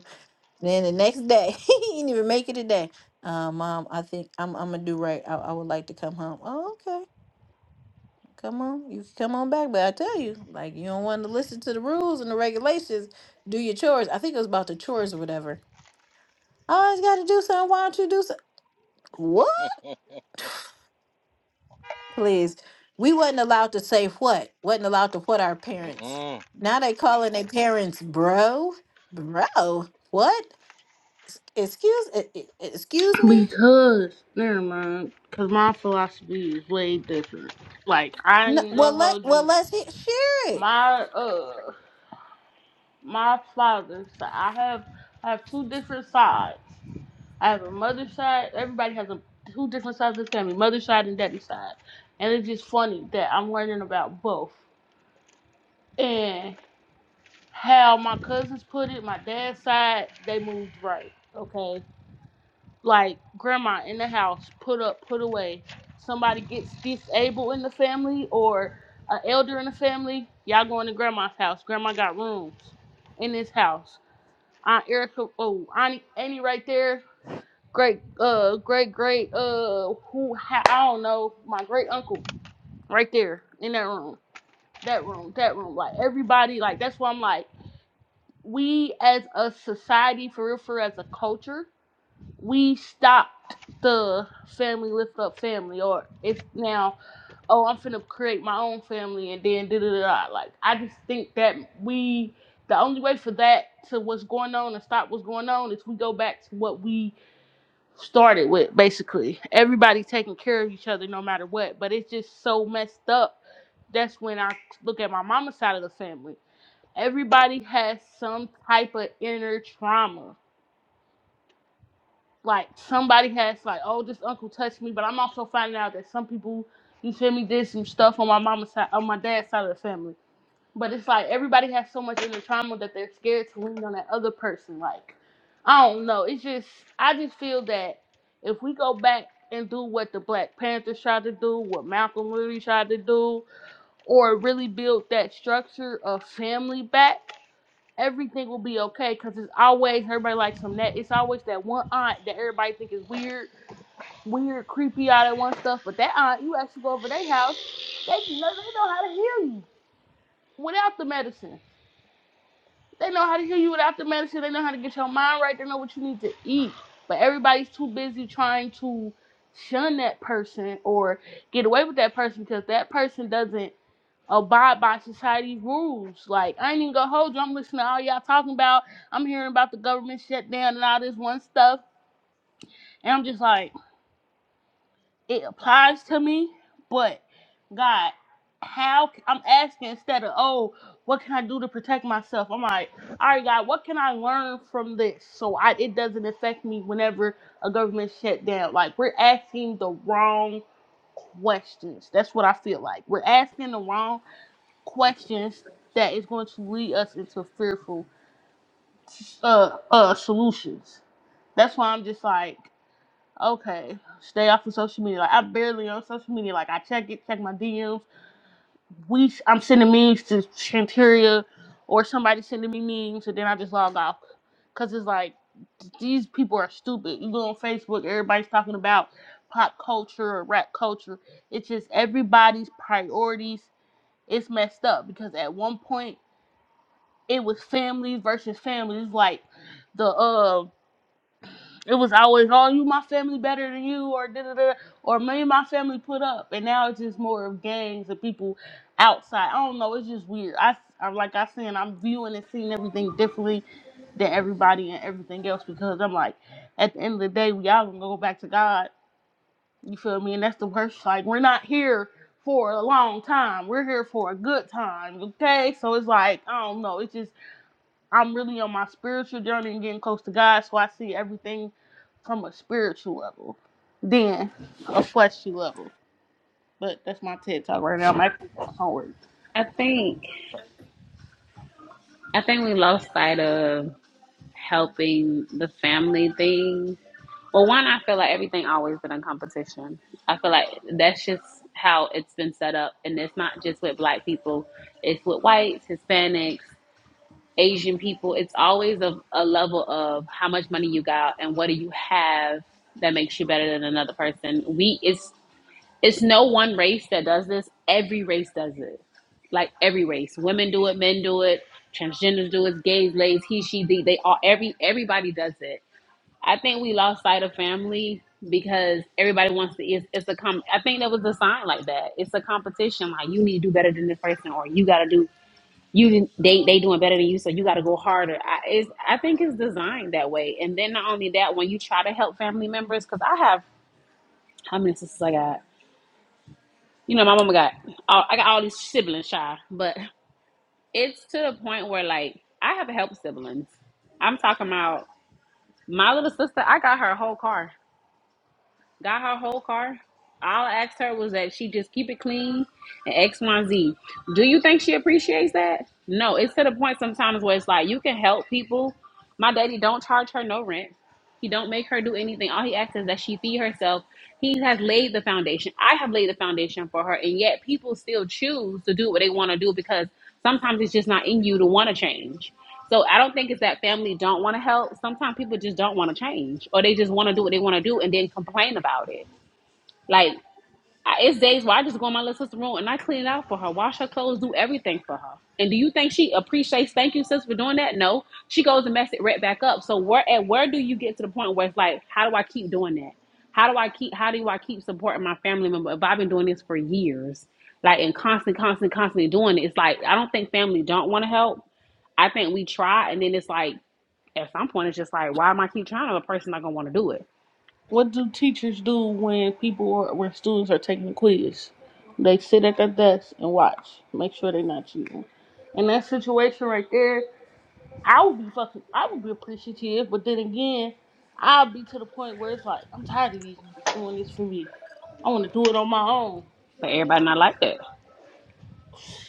Speaker 1: Then the next day, he didn't even make it a day. Uh, Mom, I think I'm I'm gonna do right. I, I would like to come home. Oh, okay. Come on, you can come on back. But I tell you, like you don't want to listen to the rules and the regulations. Do your chores. I think it was about the chores or whatever. I always got to do something. Why don't you do something? What? Please. We wasn't allowed to say what. wasn't allowed to what our parents. Now they calling their parents bro, bro. What? Excuse, e- e- excuse me.
Speaker 4: Because, never mind. Because my philosophy is way different. Like, I
Speaker 1: No,
Speaker 4: ain't
Speaker 1: well,
Speaker 4: gonna
Speaker 1: let
Speaker 4: hold
Speaker 1: well
Speaker 4: you.
Speaker 1: let's he- share it.
Speaker 4: My, uh, my father, so I have, I have two different sides. I have a mother's side. Everybody has a two different sides of the family, mother's side and daddy's side. And it's just funny that I'm learning about both. And how my cousins put it, my dad's side, they moved right. Okay. like grandma in the house, put up, put away. Somebody gets disabled in the family or an elder in the family, y'all going to grandma's house. Grandma got rooms in this house. Aunt Erica, oh, Auntie Annie right there. Great, uh, great, great, uh, who, I don't know, my great uncle right there in that room, that room, that room. Like everybody, like that's why I'm like, we as a society, for real, for as a culture, we stopped the family lift up family or it's now oh i'm finna create my own family and then da da da da. like i just think that we the only way for that to what's going on and stop what's going on is we go back to what we started with basically everybody taking care of each other no matter what but it's just so messed up that's when i look at my mama's side of the family everybody has some type of inner trauma like somebody has like, oh, this uncle touched me, but I'm also finding out that some people, you feel me, did some stuff on my mama's side, on my dad's side of the family. But it's like everybody has so much inner trauma that they're scared to lean on that other person. Like, I don't know. It's just I just feel that if we go back and do what the Black Panthers tried to do, what Malcolm Luther tried to do, or really build that structure of family back everything will be okay because it's always everybody likes some that it's always that one aunt that everybody think is weird, weird, creepy, all that one stuff. But that aunt, you actually go over to their house, they know they know how to heal you without the medicine. They know how to heal you without the medicine. They know how to get your mind right. They know what you need to eat. But everybody's too busy trying to shun that person or get away with that person because that person doesn't abide by society's rules. Like I ain't even gonna hold you. I'm listening to all y'all talking about. I'm hearing about the government shutdown and all this one stuff, and I'm just like, it applies to me. But God, how i I'm asking instead of oh, what can I do to protect myself? I'm like, all right, God, what can I learn from this so I it doesn't affect me whenever a government shutdown? Like we're asking the wrong questions. That's what I feel like. We're asking the wrong questions that is going to lead us into fearful uh uh solutions. That's why I'm just like, okay, stay off of social media. Like I'm barely on social media. Like I check it, check my DMs. We I'm sending memes to Chanteria or somebody sending me memes and then I just log off. Cause it's like these people are stupid. You go on Facebook, everybody's talking about pop culture or rap culture. It's just everybody's priorities. It's messed up because at one point it was family versus family. It's like the uh, it was always oh you my family better than you or da da da or me and my family put up, and now it's just more of gangs and people outside. I don't know. It's just weird. I I'm like I said, I'm viewing and seeing everything differently than everybody and everything else because I'm like at the end of the day we all gonna go back to God. You feel me? And that's the worst. Like we're not here for a long time. We're here for a good time. Okay, so it's like I don't know. It's just I'm really on my spiritual journey and getting close to God, so I see everything from a spiritual level, then a fleshly level. But that's my TED talk right now. I'm actually doing homework.
Speaker 3: I think
Speaker 4: So.
Speaker 3: I think we lost sight of helping the family thing. Well, one, I feel like everything always been a competition. I feel like that's just how it's been set up, and it's not just with black people; it's with whites, Hispanics. Asian people, it's always a, a level of how much money you got and what do you have that makes you better than another person. We it's it's no one race that does this. Every race does it. Like every race. Women do it, men do it, transgenders do it, gays, lays, he, she, they, they all every everybody does it. I think we lost sight of family because everybody wants to it's, it's a com I think there was a sign like that. It's a competition like you need to do better than this person or you gotta do you they they doing better than you, so you got to go harder. I, it's, I think it's designed that way. And then not only that, when you try to help family members, because I have how many sisters I got? You know, my mama got all, I got all these siblings, shy, but it's to the point where like I have help siblings. I'm talking about my little sister. I got her whole car. got her whole car. All I asked her was that she just keep it clean and X, Y, and Z. Do you think she appreciates that? No, it's to the point sometimes where it's like you can help people. My daddy don't charge her no rent. He don't make her do anything. All he asks is that she feed herself. He has laid the foundation. I have laid the foundation for her, and yet people still choose to do what they want to do because sometimes it's just not in you to want to change. So I don't think it's that family don't want to help. Sometimes people just don't want to change, or they just want to do what they want to do and then complain about it. like. I, it's days where I just go in my little sister's room and I clean it out for her, wash her clothes, do everything for her. And do you think she appreciates thank you, sis, for doing that? No. She goes and mess it right back up. So where at where do you get to the point where it's like, how do I keep doing that? How do I keep how do I keep supporting my family member if I've been doing this for years? Like and constant, constant, constantly doing it. It's like I don't think family don't want to help. I think we try and then it's like at some point it's just like, why am I keep trying? to A person not gonna want to do it.
Speaker 4: What do teachers do when people are, when students are taking a quiz? They sit at their desk and watch, make sure they're not cheating. In that situation right there, I would be fucking, I would be appreciative, but then again, I'll be to the point where it's like, I'm tired of these niggas doing this for me. I want to do it on my own.
Speaker 3: But everybody not like that.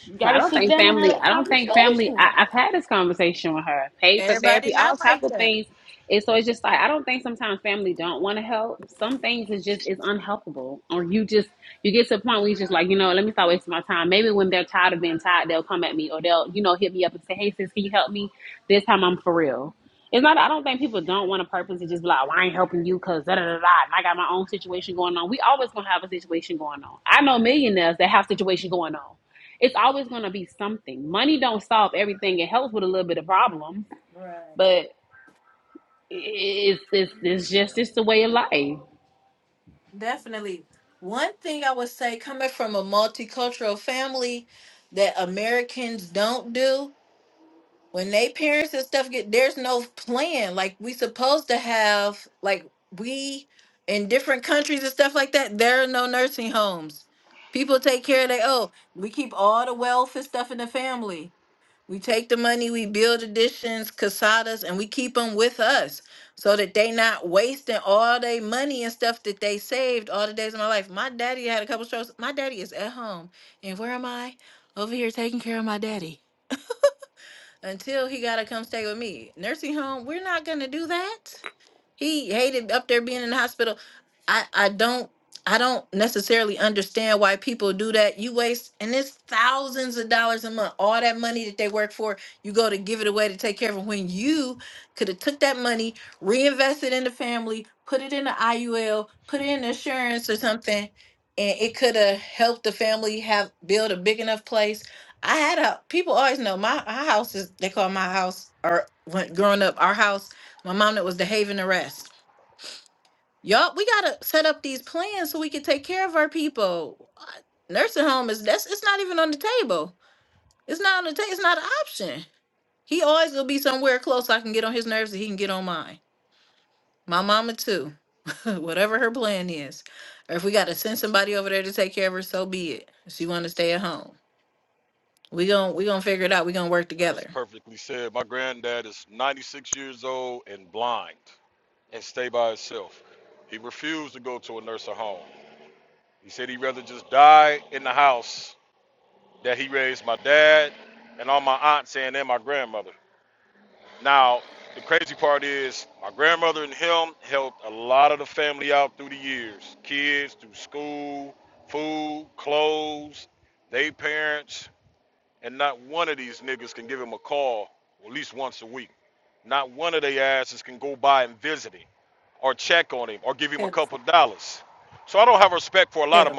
Speaker 4: You
Speaker 3: So I
Speaker 4: gotta
Speaker 3: don't
Speaker 4: sit
Speaker 3: think
Speaker 4: down and
Speaker 3: family.
Speaker 4: have
Speaker 3: I
Speaker 4: that
Speaker 3: don't think family.
Speaker 4: conversation.
Speaker 3: I, I've had this conversation with her. Paid for
Speaker 1: Everybody
Speaker 3: therapy, all
Speaker 1: not
Speaker 3: type
Speaker 1: like
Speaker 3: of
Speaker 1: that.
Speaker 3: things. And so it's just like I don't think sometimes family don't want to help. Some things is just is unhelpable, or you just you get to a point where you just like you know let me stop wasting my time. Maybe when they're tired of being tired, they'll come at me or they'll you know hit me up and say, hey sis, can you help me? This time I'm for real. It's not. I don't think people don't want to purpose to just be like, well, I ain't helping you because da da da da. And I got my own situation going on. We always gonna have a situation going on. I know millionaires that have situation going on it's always going to be something. Money don't solve everything. It helps with a little bit of problem,
Speaker 1: Right.
Speaker 3: but it's it's, it's just it's the way of life.
Speaker 1: Definitely. One thing I would say, coming from a multicultural family, that Americans don't do when they parents and stuff get there's no plan. Like we supposed to have, like we in different countries and stuff like that. There are no nursing homes. People take care of they. Oh, we keep all the wealth and stuff in the family. We take the money, we build additions, casadas, and we keep them with us so that they not wasting all their money and stuff that they saved all the days of my life. My daddy had a couple strokes. My daddy is at home. And where am I? Over here taking care of my daddy. Until he gotta come stay with me. Nursing home, we're not gonna do that. He hated up there being in the hospital. I I don't I don't necessarily understand why people do that. You waste and it's thousands of dollars a month. All that money that they work for, you go to give it away to take care of 'em when you could have took that money, reinvested in the family, put it in the IUL, put it in insurance or something, and it could have helped the family have build a big enough place. I had a people always know my, my house is they call my house or when growing up our house my mom that was the haven arrest. Yup, we gotta set up these plans so we can take care of our people. Uh, Nursing home is that's it's not even on the table. It's not on the table. It's not an option. He always will be somewhere close. I can get on his nerves and he can get on mine. My mama too. Whatever her plan is, or if we gotta send somebody over there to take care of her, so be it. If she wanna stay at home, we gon' we gonna figure it out. We gonna work together. Pedo, pedo.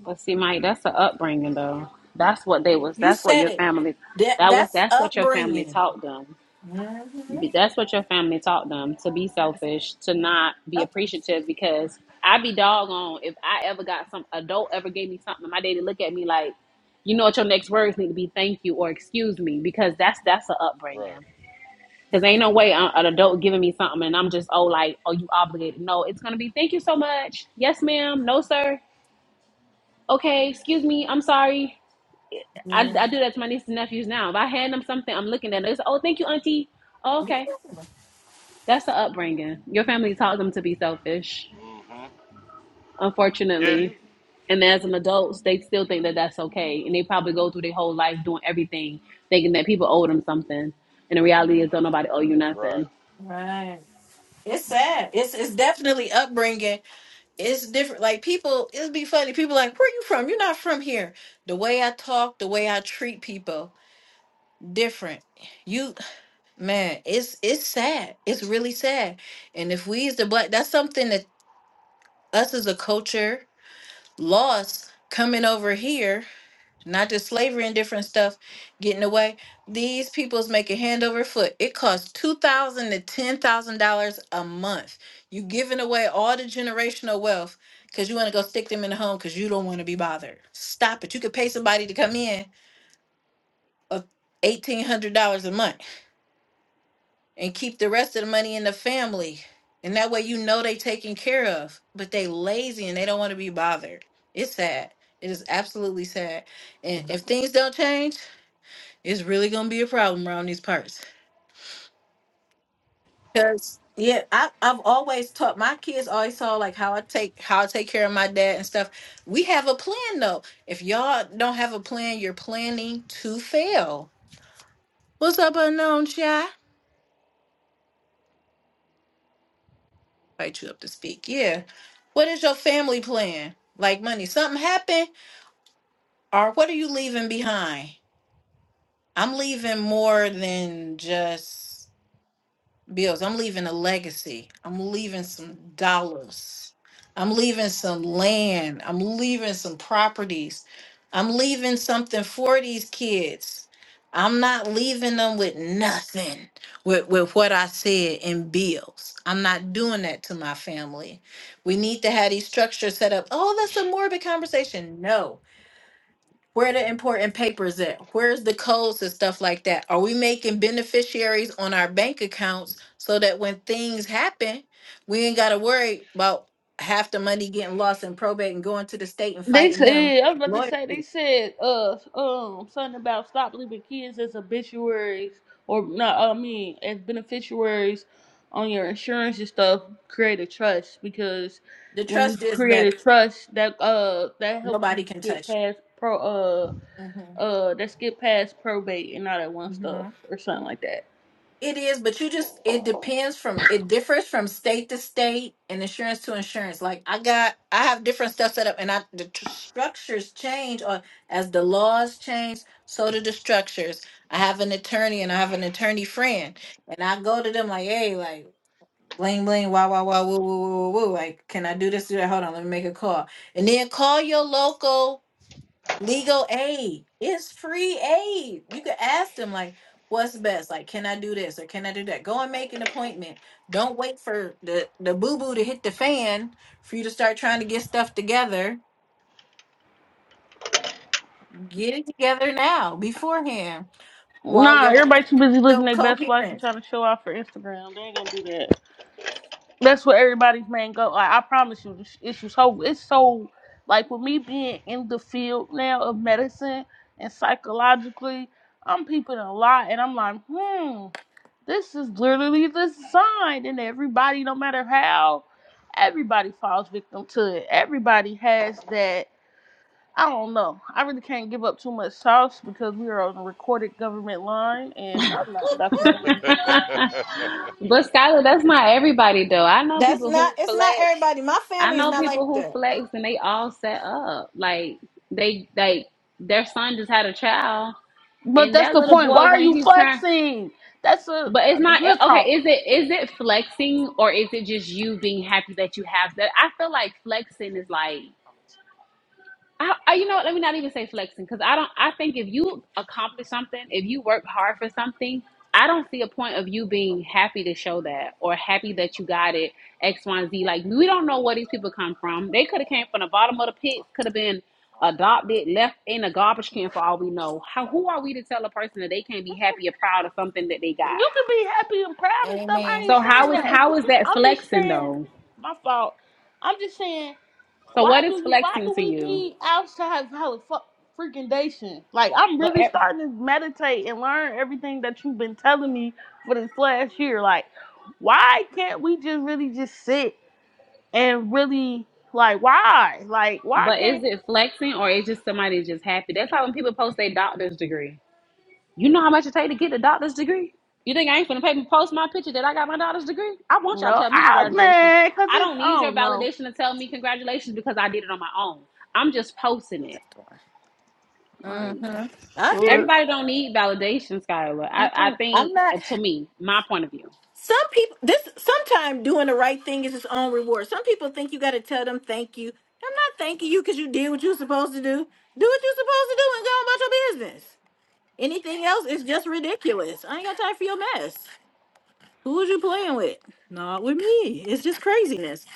Speaker 3: But see, Mike, that's the upbringing though. That's what they was.
Speaker 1: You
Speaker 3: That's what
Speaker 1: said
Speaker 3: your
Speaker 1: it.
Speaker 3: family.
Speaker 1: That
Speaker 3: That was.
Speaker 1: that's
Speaker 3: That's what your family
Speaker 1: upbringing.
Speaker 3: taught them.
Speaker 1: Mhm.
Speaker 3: That's what your family taught them to be selfish, to not be
Speaker 1: Up,
Speaker 3: appreciative. Because I'd be doggone if I ever got some adult ever gave me something. My daddy look at me like, you know what, your next words need to be thank you or excuse me because that's that's the upbringing. Cause ain't no way an adult giving me something and I'm just oh like oh you obligated. No, it's gonna be thank you so much. Yes, ma'am. No, sir. Okay, excuse me. I'm sorry. I, I do that to my nieces and nephews now. If I hand them something, I'm looking at it. It's, oh, thank you, auntie. Oh, okay, that's the upbringing. Your family taught them to be selfish, unfortunately. And as an adult, they still think that that's okay, and they probably go through their whole life doing everything, thinking that people owe them something. And the reality is, don't nobody owe you nothing.
Speaker 1: right. It's sad. It's it's definitely upbringing. It's different. Like people, it'd be funny. People like, where you from? You're not from here. The way I talk, the way I treat people, different. You man, it's it's sad. It's really sad. And if we as the black, that's something that us as a culture lost coming over here not just slavery and different stuff getting away. These people's making hand over foot. It costs two thousand to ten thousand dollars a month. You giving away all the generational wealth because you want to go stick them in the home because you don't want to be bothered. Stop it. You could pay somebody to come in of eighteen hundred dollars a month and keep the rest of the money in the family. And that way you know they taken care of, but they lazy and they don't want to be bothered. It's sad. It is absolutely sad. And if things don't change, It's really gonna be a problem around these parts. Cause yeah, I I've always taught my kids always saw like how I take how I take care of my dad and stuff. We have a plan though. If y'all don't have a plan, you're planning to fail. What's up, unknown shy? Invite you up to speak. Yeah. What is your family plan? Like money, something happened, or what are you leaving behind? I'm leaving more than just. bills. I'm leaving a legacy. I'm leaving some dollars. I'm leaving some land. I'm leaving some properties. I'm leaving something for these kids. I'm not leaving them with nothing with, with what I said in bills. I'm not doing that to my family. We need to have these structures set up. Oh, that's a morbid conversation. No, where the important papers at? Where's the codes and stuff like that? Are we making beneficiaries on our bank accounts so that when things happen, we ain't gotta worry about half the money getting lost in probate and going to the state and
Speaker 4: They
Speaker 1: fighting them
Speaker 4: said, I was about to
Speaker 1: lawyer?
Speaker 4: say, they said, uh, um, something about stop leaving kids as obituaries or not, I mean, as beneficiaries on your insurance and stuff. Create a trust because
Speaker 1: The
Speaker 4: when you
Speaker 1: trust is
Speaker 4: create
Speaker 1: better.
Speaker 4: a trust, that uh, that helps
Speaker 1: Nobody
Speaker 4: you
Speaker 1: can
Speaker 4: get
Speaker 1: touch
Speaker 4: past pro, uh,
Speaker 1: it.
Speaker 4: uh, that's get past probate and all that one
Speaker 1: hmm
Speaker 4: stuff or something like that.
Speaker 1: It is, but you just it depends from it differs from state to state and insurance to insurance. Like I got I have different stuff set up and I the tr- structures change or as the laws change, so do the structures. I have an attorney and I have an attorney friend and I go to them like, "Hey, like bling bling wah wah wah woo woo woo woo. woo. Like, can I do this do that? Hold on, let me make a call." And then call your local legal aid. It's free aid. You could ask them like, what's best? Like, can I do this or can I do that? Go and make an appointment. Don't wait for the, the boo-boo to hit the fan for you to start trying to get stuff together. Get it together now, beforehand, while
Speaker 4: Nah,
Speaker 1: your
Speaker 4: everybody
Speaker 1: parents
Speaker 4: too busy living
Speaker 1: still
Speaker 4: their best life and
Speaker 1: coherent.
Speaker 4: trying to show off for Instagram. They ain't gonna do that. That's where everybody's man go. Like I promise you, this- it's so it's so like with me being in the field now of medicine and psychologically, I'm peeping a lot, and I'm like, hmm, this is literally the sign, and everybody, no matter how, everybody falls victim to it. Everybody has that. I don't know. I really can't give up too much sauce because we are on a recorded government line, and I'm not Dr.
Speaker 3: but
Speaker 4: B.
Speaker 3: Skylar, that's not everybody though. I know
Speaker 1: That's
Speaker 3: people who
Speaker 1: not it's not
Speaker 3: flex.
Speaker 1: everybody. My
Speaker 3: I
Speaker 1: family is
Speaker 3: know
Speaker 1: not like
Speaker 3: people who
Speaker 1: that.
Speaker 3: flex and they all set up. Like they like their son just had a child
Speaker 4: But
Speaker 3: and
Speaker 4: that's
Speaker 3: that
Speaker 4: the
Speaker 3: little
Speaker 4: point.
Speaker 3: boy
Speaker 4: Why are
Speaker 3: when
Speaker 4: you
Speaker 3: he turned
Speaker 4: flexing? That's a
Speaker 3: but it's not
Speaker 4: real
Speaker 3: okay,
Speaker 4: talk.
Speaker 3: is it is it flexing or is it just you being happy that you have that? I feel like flexing is like I, I, you know, what, let me not even say flexing because I don't. I think if you accomplish something, if you work hard for something, I don't see a point of you being happy to show that or happy that you got it X, Y, and Z. Like we don't know where these people come from. They could have came from the bottom of the pit. Could have been adopted, left in a garbage can for all we know. How? Who are we to tell a person that they can't be happy or proud of something that they
Speaker 4: You
Speaker 3: got?
Speaker 4: can be happy and proud and stuff. I
Speaker 1: Amen.
Speaker 4: ain't
Speaker 3: So how
Speaker 4: saying
Speaker 3: is
Speaker 4: that.
Speaker 3: how is that
Speaker 4: I'm just
Speaker 3: flexing
Speaker 4: saying
Speaker 3: though?
Speaker 4: my fault. I'm just saying
Speaker 3: So
Speaker 4: why
Speaker 3: what
Speaker 4: do
Speaker 3: is
Speaker 4: you why
Speaker 3: flexing
Speaker 4: do
Speaker 3: to
Speaker 4: we
Speaker 3: you?
Speaker 4: need outside valid fuck freaking Like I'm
Speaker 3: But
Speaker 4: really
Speaker 3: e-
Speaker 4: starting to meditate and learn everything that you've been telling me for this last year. Like why can't we just really just sit and really like why? Like why
Speaker 3: But is
Speaker 4: can't
Speaker 3: it flexing or is just somebody just happy? That's how when people post their doctor's degree. You know how much it take to get the doctor's degree? You think I ain't finna pay me post my picture that I got my doctor's degree? I want y'all to
Speaker 4: no
Speaker 3: tell me
Speaker 4: I
Speaker 3: congratulations.
Speaker 4: man, cause
Speaker 3: I
Speaker 4: it's
Speaker 3: don't
Speaker 4: I
Speaker 3: need your
Speaker 4: don't know.
Speaker 3: validation to tell me congratulations because I did it on my own. I'm just posting it.
Speaker 1: hmm
Speaker 4: I'm
Speaker 1: I hear
Speaker 4: sure.
Speaker 1: you.
Speaker 3: Everybody don't need validation, Skylar. I, I
Speaker 1: Mhm. I'm
Speaker 3: think,
Speaker 1: not.
Speaker 3: uh, to me, my point of view.
Speaker 1: Some people this sometimes doing the right thing is its own reward. Some people think you got to tell them thank you. I'm not thanking you because you did what you were supposed to do. Do what you're supposed to do and go on about your business. Anything else is just ridiculous. I ain't got time for your mess. Who was you playing with? Not with me. It's just craziness.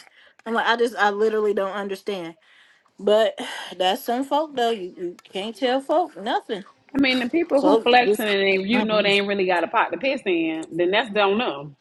Speaker 1: I'm like, I just, I literally don't understand. But that's some folk though. You, you can't tell folk nothing.
Speaker 3: I mean, the people who
Speaker 1: So
Speaker 3: flexing
Speaker 1: this,
Speaker 3: and they, you
Speaker 1: I'm
Speaker 3: know they ain't really got a pot to piss in, then that's don't know.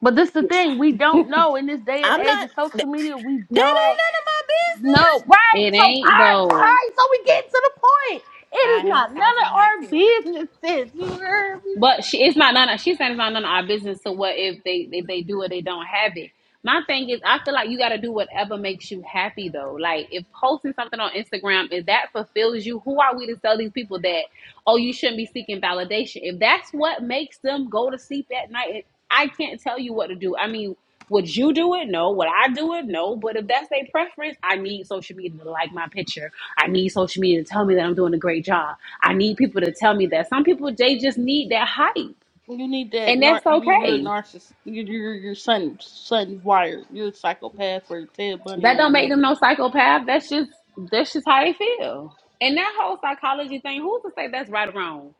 Speaker 4: But this the thing, we don't know in this day and age
Speaker 1: not.
Speaker 4: of social
Speaker 1: That,
Speaker 4: media, we
Speaker 1: that
Speaker 4: don't
Speaker 1: ain't none of my business.
Speaker 4: know. Right.
Speaker 3: It
Speaker 4: So all
Speaker 3: ain't
Speaker 4: right, all
Speaker 3: though.
Speaker 4: right, so we get to the point. It
Speaker 1: I
Speaker 4: is not
Speaker 1: ain't.
Speaker 4: none
Speaker 1: I do
Speaker 4: of
Speaker 1: not
Speaker 4: our
Speaker 1: care.
Speaker 4: businesses. You heard me?
Speaker 3: But she it's not none of she's saying it's not none of our business. So what if they if they do or they don't have it? My thing is I feel like you gotta do whatever makes you happy though. Like if posting something on Instagram, if that fulfills you, who are we to tell these people that oh, you shouldn't be seeking validation. If that's what makes them go to sleep at night, I can't tell you what to do. I mean, would you do it? No. Would I do it? No. But if that's their preference, I need social media to like my picture. I need social media to tell me that I'm doing a great job. I need people to tell me that. Some people they just need that hype,
Speaker 4: You need that
Speaker 3: and
Speaker 4: nar-
Speaker 3: that's
Speaker 4: you- you're a
Speaker 3: okay.
Speaker 4: narcissist. You're, you're, your son son wired. You're a psychopath for Ted Bunny
Speaker 3: That
Speaker 4: on the
Speaker 3: don't make
Speaker 4: making.
Speaker 3: them no psychopath. That's just that's just how they feel. And that whole psychology thing, who's to say that's right or wrong?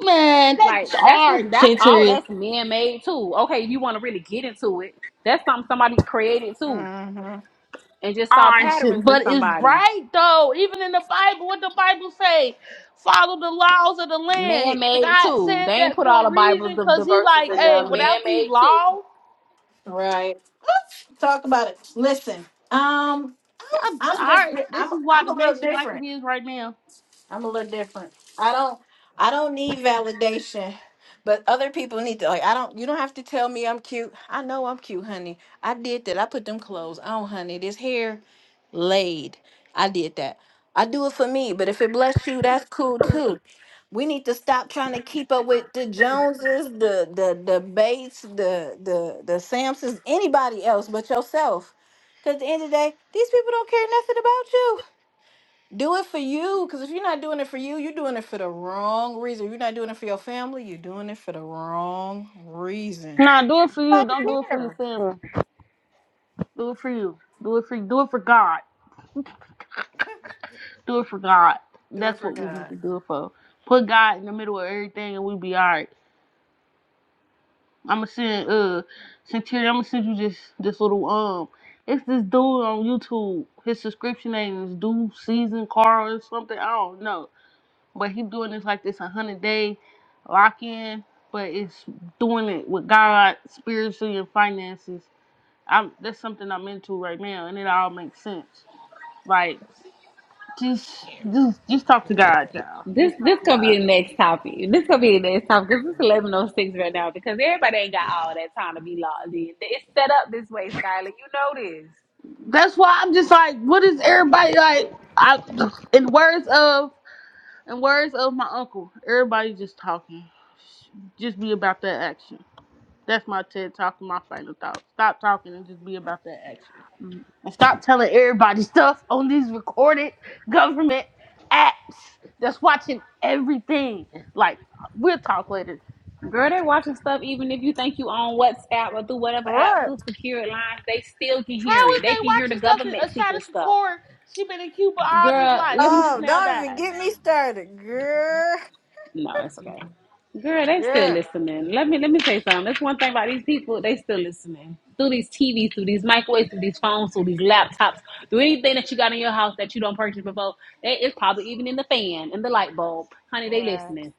Speaker 4: Man,
Speaker 3: Like
Speaker 4: that's
Speaker 3: that's
Speaker 4: all
Speaker 3: what
Speaker 4: right,
Speaker 3: that's all
Speaker 4: Santeria.
Speaker 3: that's man made too. Okay, if you want to really get into it, that's something somebody created too,
Speaker 1: hmm
Speaker 3: and just saw
Speaker 4: Ah, shit,
Speaker 3: patterns in
Speaker 4: but it's
Speaker 3: somebody.
Speaker 4: right though. Even in the Bible, what the Bible say? Follow the laws of the
Speaker 3: Man
Speaker 4: land. The
Speaker 3: made
Speaker 4: God
Speaker 3: too.
Speaker 4: said
Speaker 3: They ain't
Speaker 4: that
Speaker 3: put all
Speaker 4: for a
Speaker 3: the Bibles
Speaker 4: reason,
Speaker 3: the, the
Speaker 4: cause he
Speaker 3: verses
Speaker 4: like,
Speaker 3: in there.
Speaker 4: hey,
Speaker 3: Man
Speaker 4: without these
Speaker 3: made too.
Speaker 4: laws,
Speaker 1: Right. Talk about it. Listen, um,
Speaker 4: y'all,
Speaker 1: I'm
Speaker 4: all
Speaker 1: I'm just,
Speaker 4: right,
Speaker 1: di-
Speaker 4: this
Speaker 1: I'm,
Speaker 4: is why
Speaker 1: I'm
Speaker 4: the
Speaker 1: a little
Speaker 4: nation like it
Speaker 1: different.
Speaker 4: is right now.
Speaker 1: I'm a little different. I don't I don't need validation. But other people need to like I don't you don't have to tell me I'm cute. I know I'm cute, honey. I did that. I put them clothes on, honey. This hair laid. I did that. I do it for me, but if it bless you, that's cool too. We need to stop trying to keep up with the Joneses, the the the Bates, the the the Samsons, anybody else but yourself. Cause at the end of the day, these people don't care nothing about you. Do it for you, because if you're not doing it for you, you're doing it for the wrong reason. If you're not doing it for your family, you're doing it for the wrong reason.
Speaker 4: Nah, do it for you.
Speaker 1: Nobody
Speaker 4: Don't do it for your
Speaker 1: care.
Speaker 4: family. Do it for you. Do it for Do it for God. Do it for God.
Speaker 1: Do it
Speaker 4: That's
Speaker 1: for
Speaker 4: what we need to
Speaker 1: God.
Speaker 4: do it for. Put God in the middle of everything, and we be all right. I'ma send uh Centurion, I'ma send you this this little um it's this dude on YouTube. His subscription name is Dude Season Carl or something. I don't know. But he doing this like this a hundred day lock in, but it's doing it with God spiritually and finances. I'm that's something I'm into right now and it all makes sense. Like just just just talk to God, y'all.
Speaker 3: This
Speaker 4: Just talk
Speaker 3: this
Speaker 4: to
Speaker 3: gonna
Speaker 4: God.
Speaker 3: be the next topic. This gonna be the next topic because it's eleven oh six right now. Because everybody ain't got all that time to be logged in. It's set up this way, Skylar. You know this.
Speaker 4: That's why I'm just like, what is everybody like I in words of And words of my uncle. Everybody just talking. Just be about that action. That's my TED talk and my final thought. Stop talking and just be about that action. And stop telling everybody stuff on these recorded government apps that's watching everything. Like, we'll talk later.
Speaker 3: Girl, they watching stuff even if you think you on WhatsApp or through whatever app,
Speaker 1: Right.
Speaker 3: through secure lines, they still can hear
Speaker 4: How
Speaker 3: it.
Speaker 4: is they
Speaker 3: They can hear the
Speaker 4: watching stuff?
Speaker 3: government
Speaker 4: that Ashada
Speaker 3: secret stuff.
Speaker 4: Shakur, she been in Cuba all this
Speaker 3: Girl,
Speaker 4: life
Speaker 3: let
Speaker 4: and
Speaker 3: me
Speaker 4: just
Speaker 1: Oh,
Speaker 4: now
Speaker 1: don't even
Speaker 4: died.
Speaker 1: get me started, girl.
Speaker 3: no, it's okay. Girl, they still
Speaker 1: Yeah.
Speaker 3: listening. Let me let me say something. That's one thing about these people, they still listening. Through these TVs, through these microwaves, through these phones, through these laptops, through anything that you got in your house that you don't purchase before, they, it's probably even in the fan and the light bulb. Honey, they
Speaker 1: Right.
Speaker 3: listening.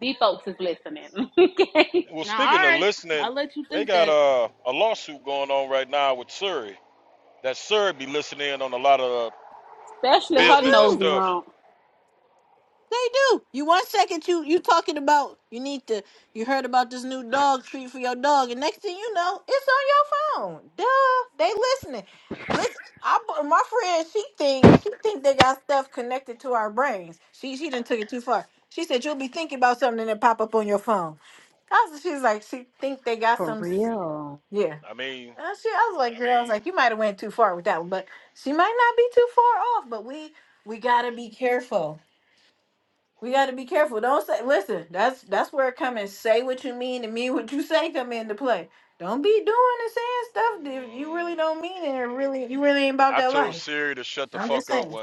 Speaker 3: These folks is listening. okay.
Speaker 4: Now, alright. I'll let you think that.
Speaker 3: Especially
Speaker 1: They
Speaker 3: her
Speaker 1: do.
Speaker 3: nosy wrong.
Speaker 1: They do. You one second you you talking about you need to you heard about this new dog treat for your dog, and next thing you know, it's on your phone. Duh, they listening. Listen, I bu- my friend she think she think they got stuff connected to our brains. She she didn't took it too far. She said you'll be thinking about something and it pop up on your phone. I was, she's like she think they got
Speaker 3: For
Speaker 1: some s-
Speaker 3: real.
Speaker 1: yeah. And she I was like girl, I was like you might have went too far with that one, but she might not be too far off. But we we gotta be careful we got to be careful. Don't say. Listen, that's that's where it come and say what you mean and mean what you say come into play. Don't be doing and saying stuff that you really don't mean and it really you really ain't about that life. I'm just saying.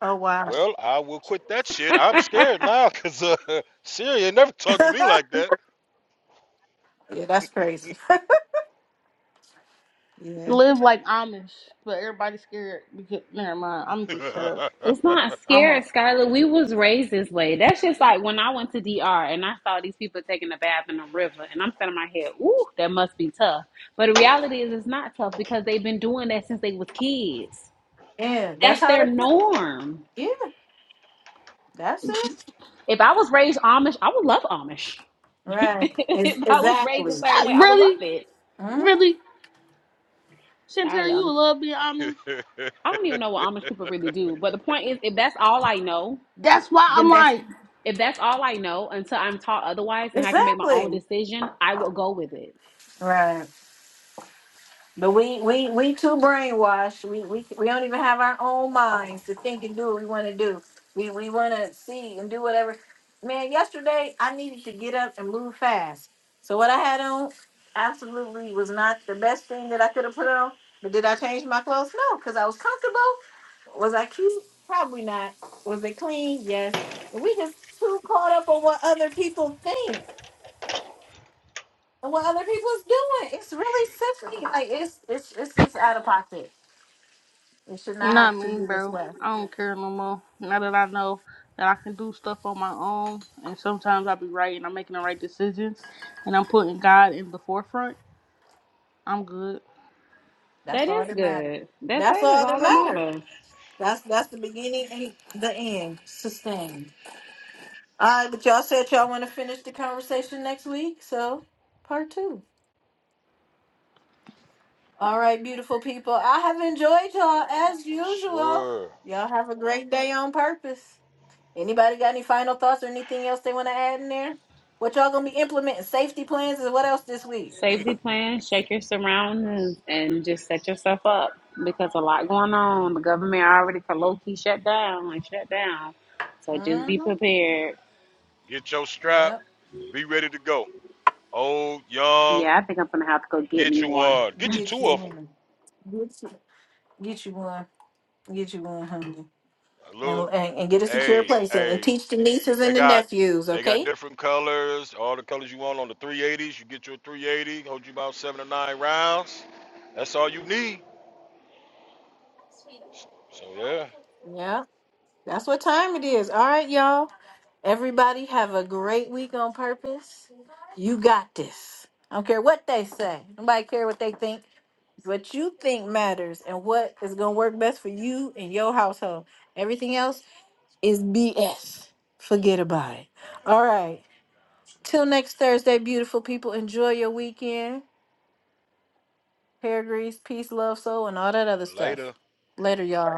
Speaker 1: Oh wow. yeah, that's crazy. Yeah.
Speaker 4: Live like Amish, but everybody's scared because, never mind. I'm just shut up.
Speaker 3: It's not
Speaker 4: I'm a
Speaker 3: scary, Skylar. We was raised this way. That's just like when I went to DR and I saw these people taking a bath in the river, and I'm sitting in my head, ooh, that must be tough. But the reality is, it's not tough because they've been doing that since they was kids.
Speaker 1: Yeah, that's
Speaker 3: That's
Speaker 1: how
Speaker 3: their
Speaker 1: that's.
Speaker 3: norm.
Speaker 1: Yeah, that's it.
Speaker 3: If I was raised Amish, I would love Amish.
Speaker 1: Right. Is
Speaker 3: if I was raised a
Speaker 1: exactly.
Speaker 3: certain way, I would love
Speaker 4: really,
Speaker 3: it.
Speaker 1: Mhm.
Speaker 4: really, Shantara,
Speaker 3: Skylar,
Speaker 4: you
Speaker 3: I'm-
Speaker 4: love being Amish.
Speaker 3: I don't even know what Amish people really do. But the point is, if that's all I know,
Speaker 4: That's why
Speaker 3: then
Speaker 4: I'm
Speaker 3: that's
Speaker 4: like,
Speaker 3: if that's all I know until I'm taught otherwise and I can make my own
Speaker 1: Exactly.
Speaker 3: decision, I will go with it.
Speaker 1: Right. But we we we too brainwashed. We we we don't even have our own minds to think and do what we want to do. We we want to see and do whatever. Man, yesterday I needed to get up and move fast. So what I had on absolutely was not the best thing that I could have put on. But did I change my clothes? No, because I was comfortable. Was I cute? Probably not. Was it clean? Yes. But we just too caught up on what other people think and what other people's doing. It's really sickening. Like it's it's it's it's out of pocket. It should not
Speaker 4: not
Speaker 1: have to
Speaker 4: me,
Speaker 1: be this
Speaker 4: bro.
Speaker 1: way.
Speaker 4: I don't care no more. Now that I know that I can do stuff on my own, and sometimes I be right and I'm making the right decisions, and I'm putting God in the forefront. I'm good.
Speaker 1: That's
Speaker 3: That
Speaker 1: all
Speaker 3: is
Speaker 1: that matters.
Speaker 3: good. That's
Speaker 1: That's
Speaker 3: that is
Speaker 1: all
Speaker 3: all
Speaker 1: that
Speaker 3: that
Speaker 1: matters.
Speaker 3: matters.
Speaker 1: That's that's the beginning and the end. Sustained. All right, but y'all said y'all want to finish the conversation next week, so part two. All right, beautiful people. I have enjoyed y'all as usual. Y'all have a great day on purpose. Anybody got any final thoughts or anything else they want to add in there? What y'all gonna be implementing? Safety plans and what else this week?
Speaker 3: Safety plan, shake your surroundings and just set yourself up because a lot going on. The government already low key shut down and shut down. So just be
Speaker 1: hmm
Speaker 3: prepared.
Speaker 1: Yep.
Speaker 3: Yeah, I think I'm gonna have to go get me one.
Speaker 1: Get you one. Get you, get you one. Get you one hundred and, and and get a secure place and, and teach the nieces and the nephews. Okay. Yeah, that's what time it is. All right, y'all. Everybody have a great week on purpose. You got this. I don't care what they say. Nobody care what they think. What you think matters and what is gonna work best for you and your household. Everything else is BS. Forget about it. All right. Till next Thursday, beautiful people. Enjoy your weekend. hair grease, peace, love, soul, and all that other stuff. Later, y'all.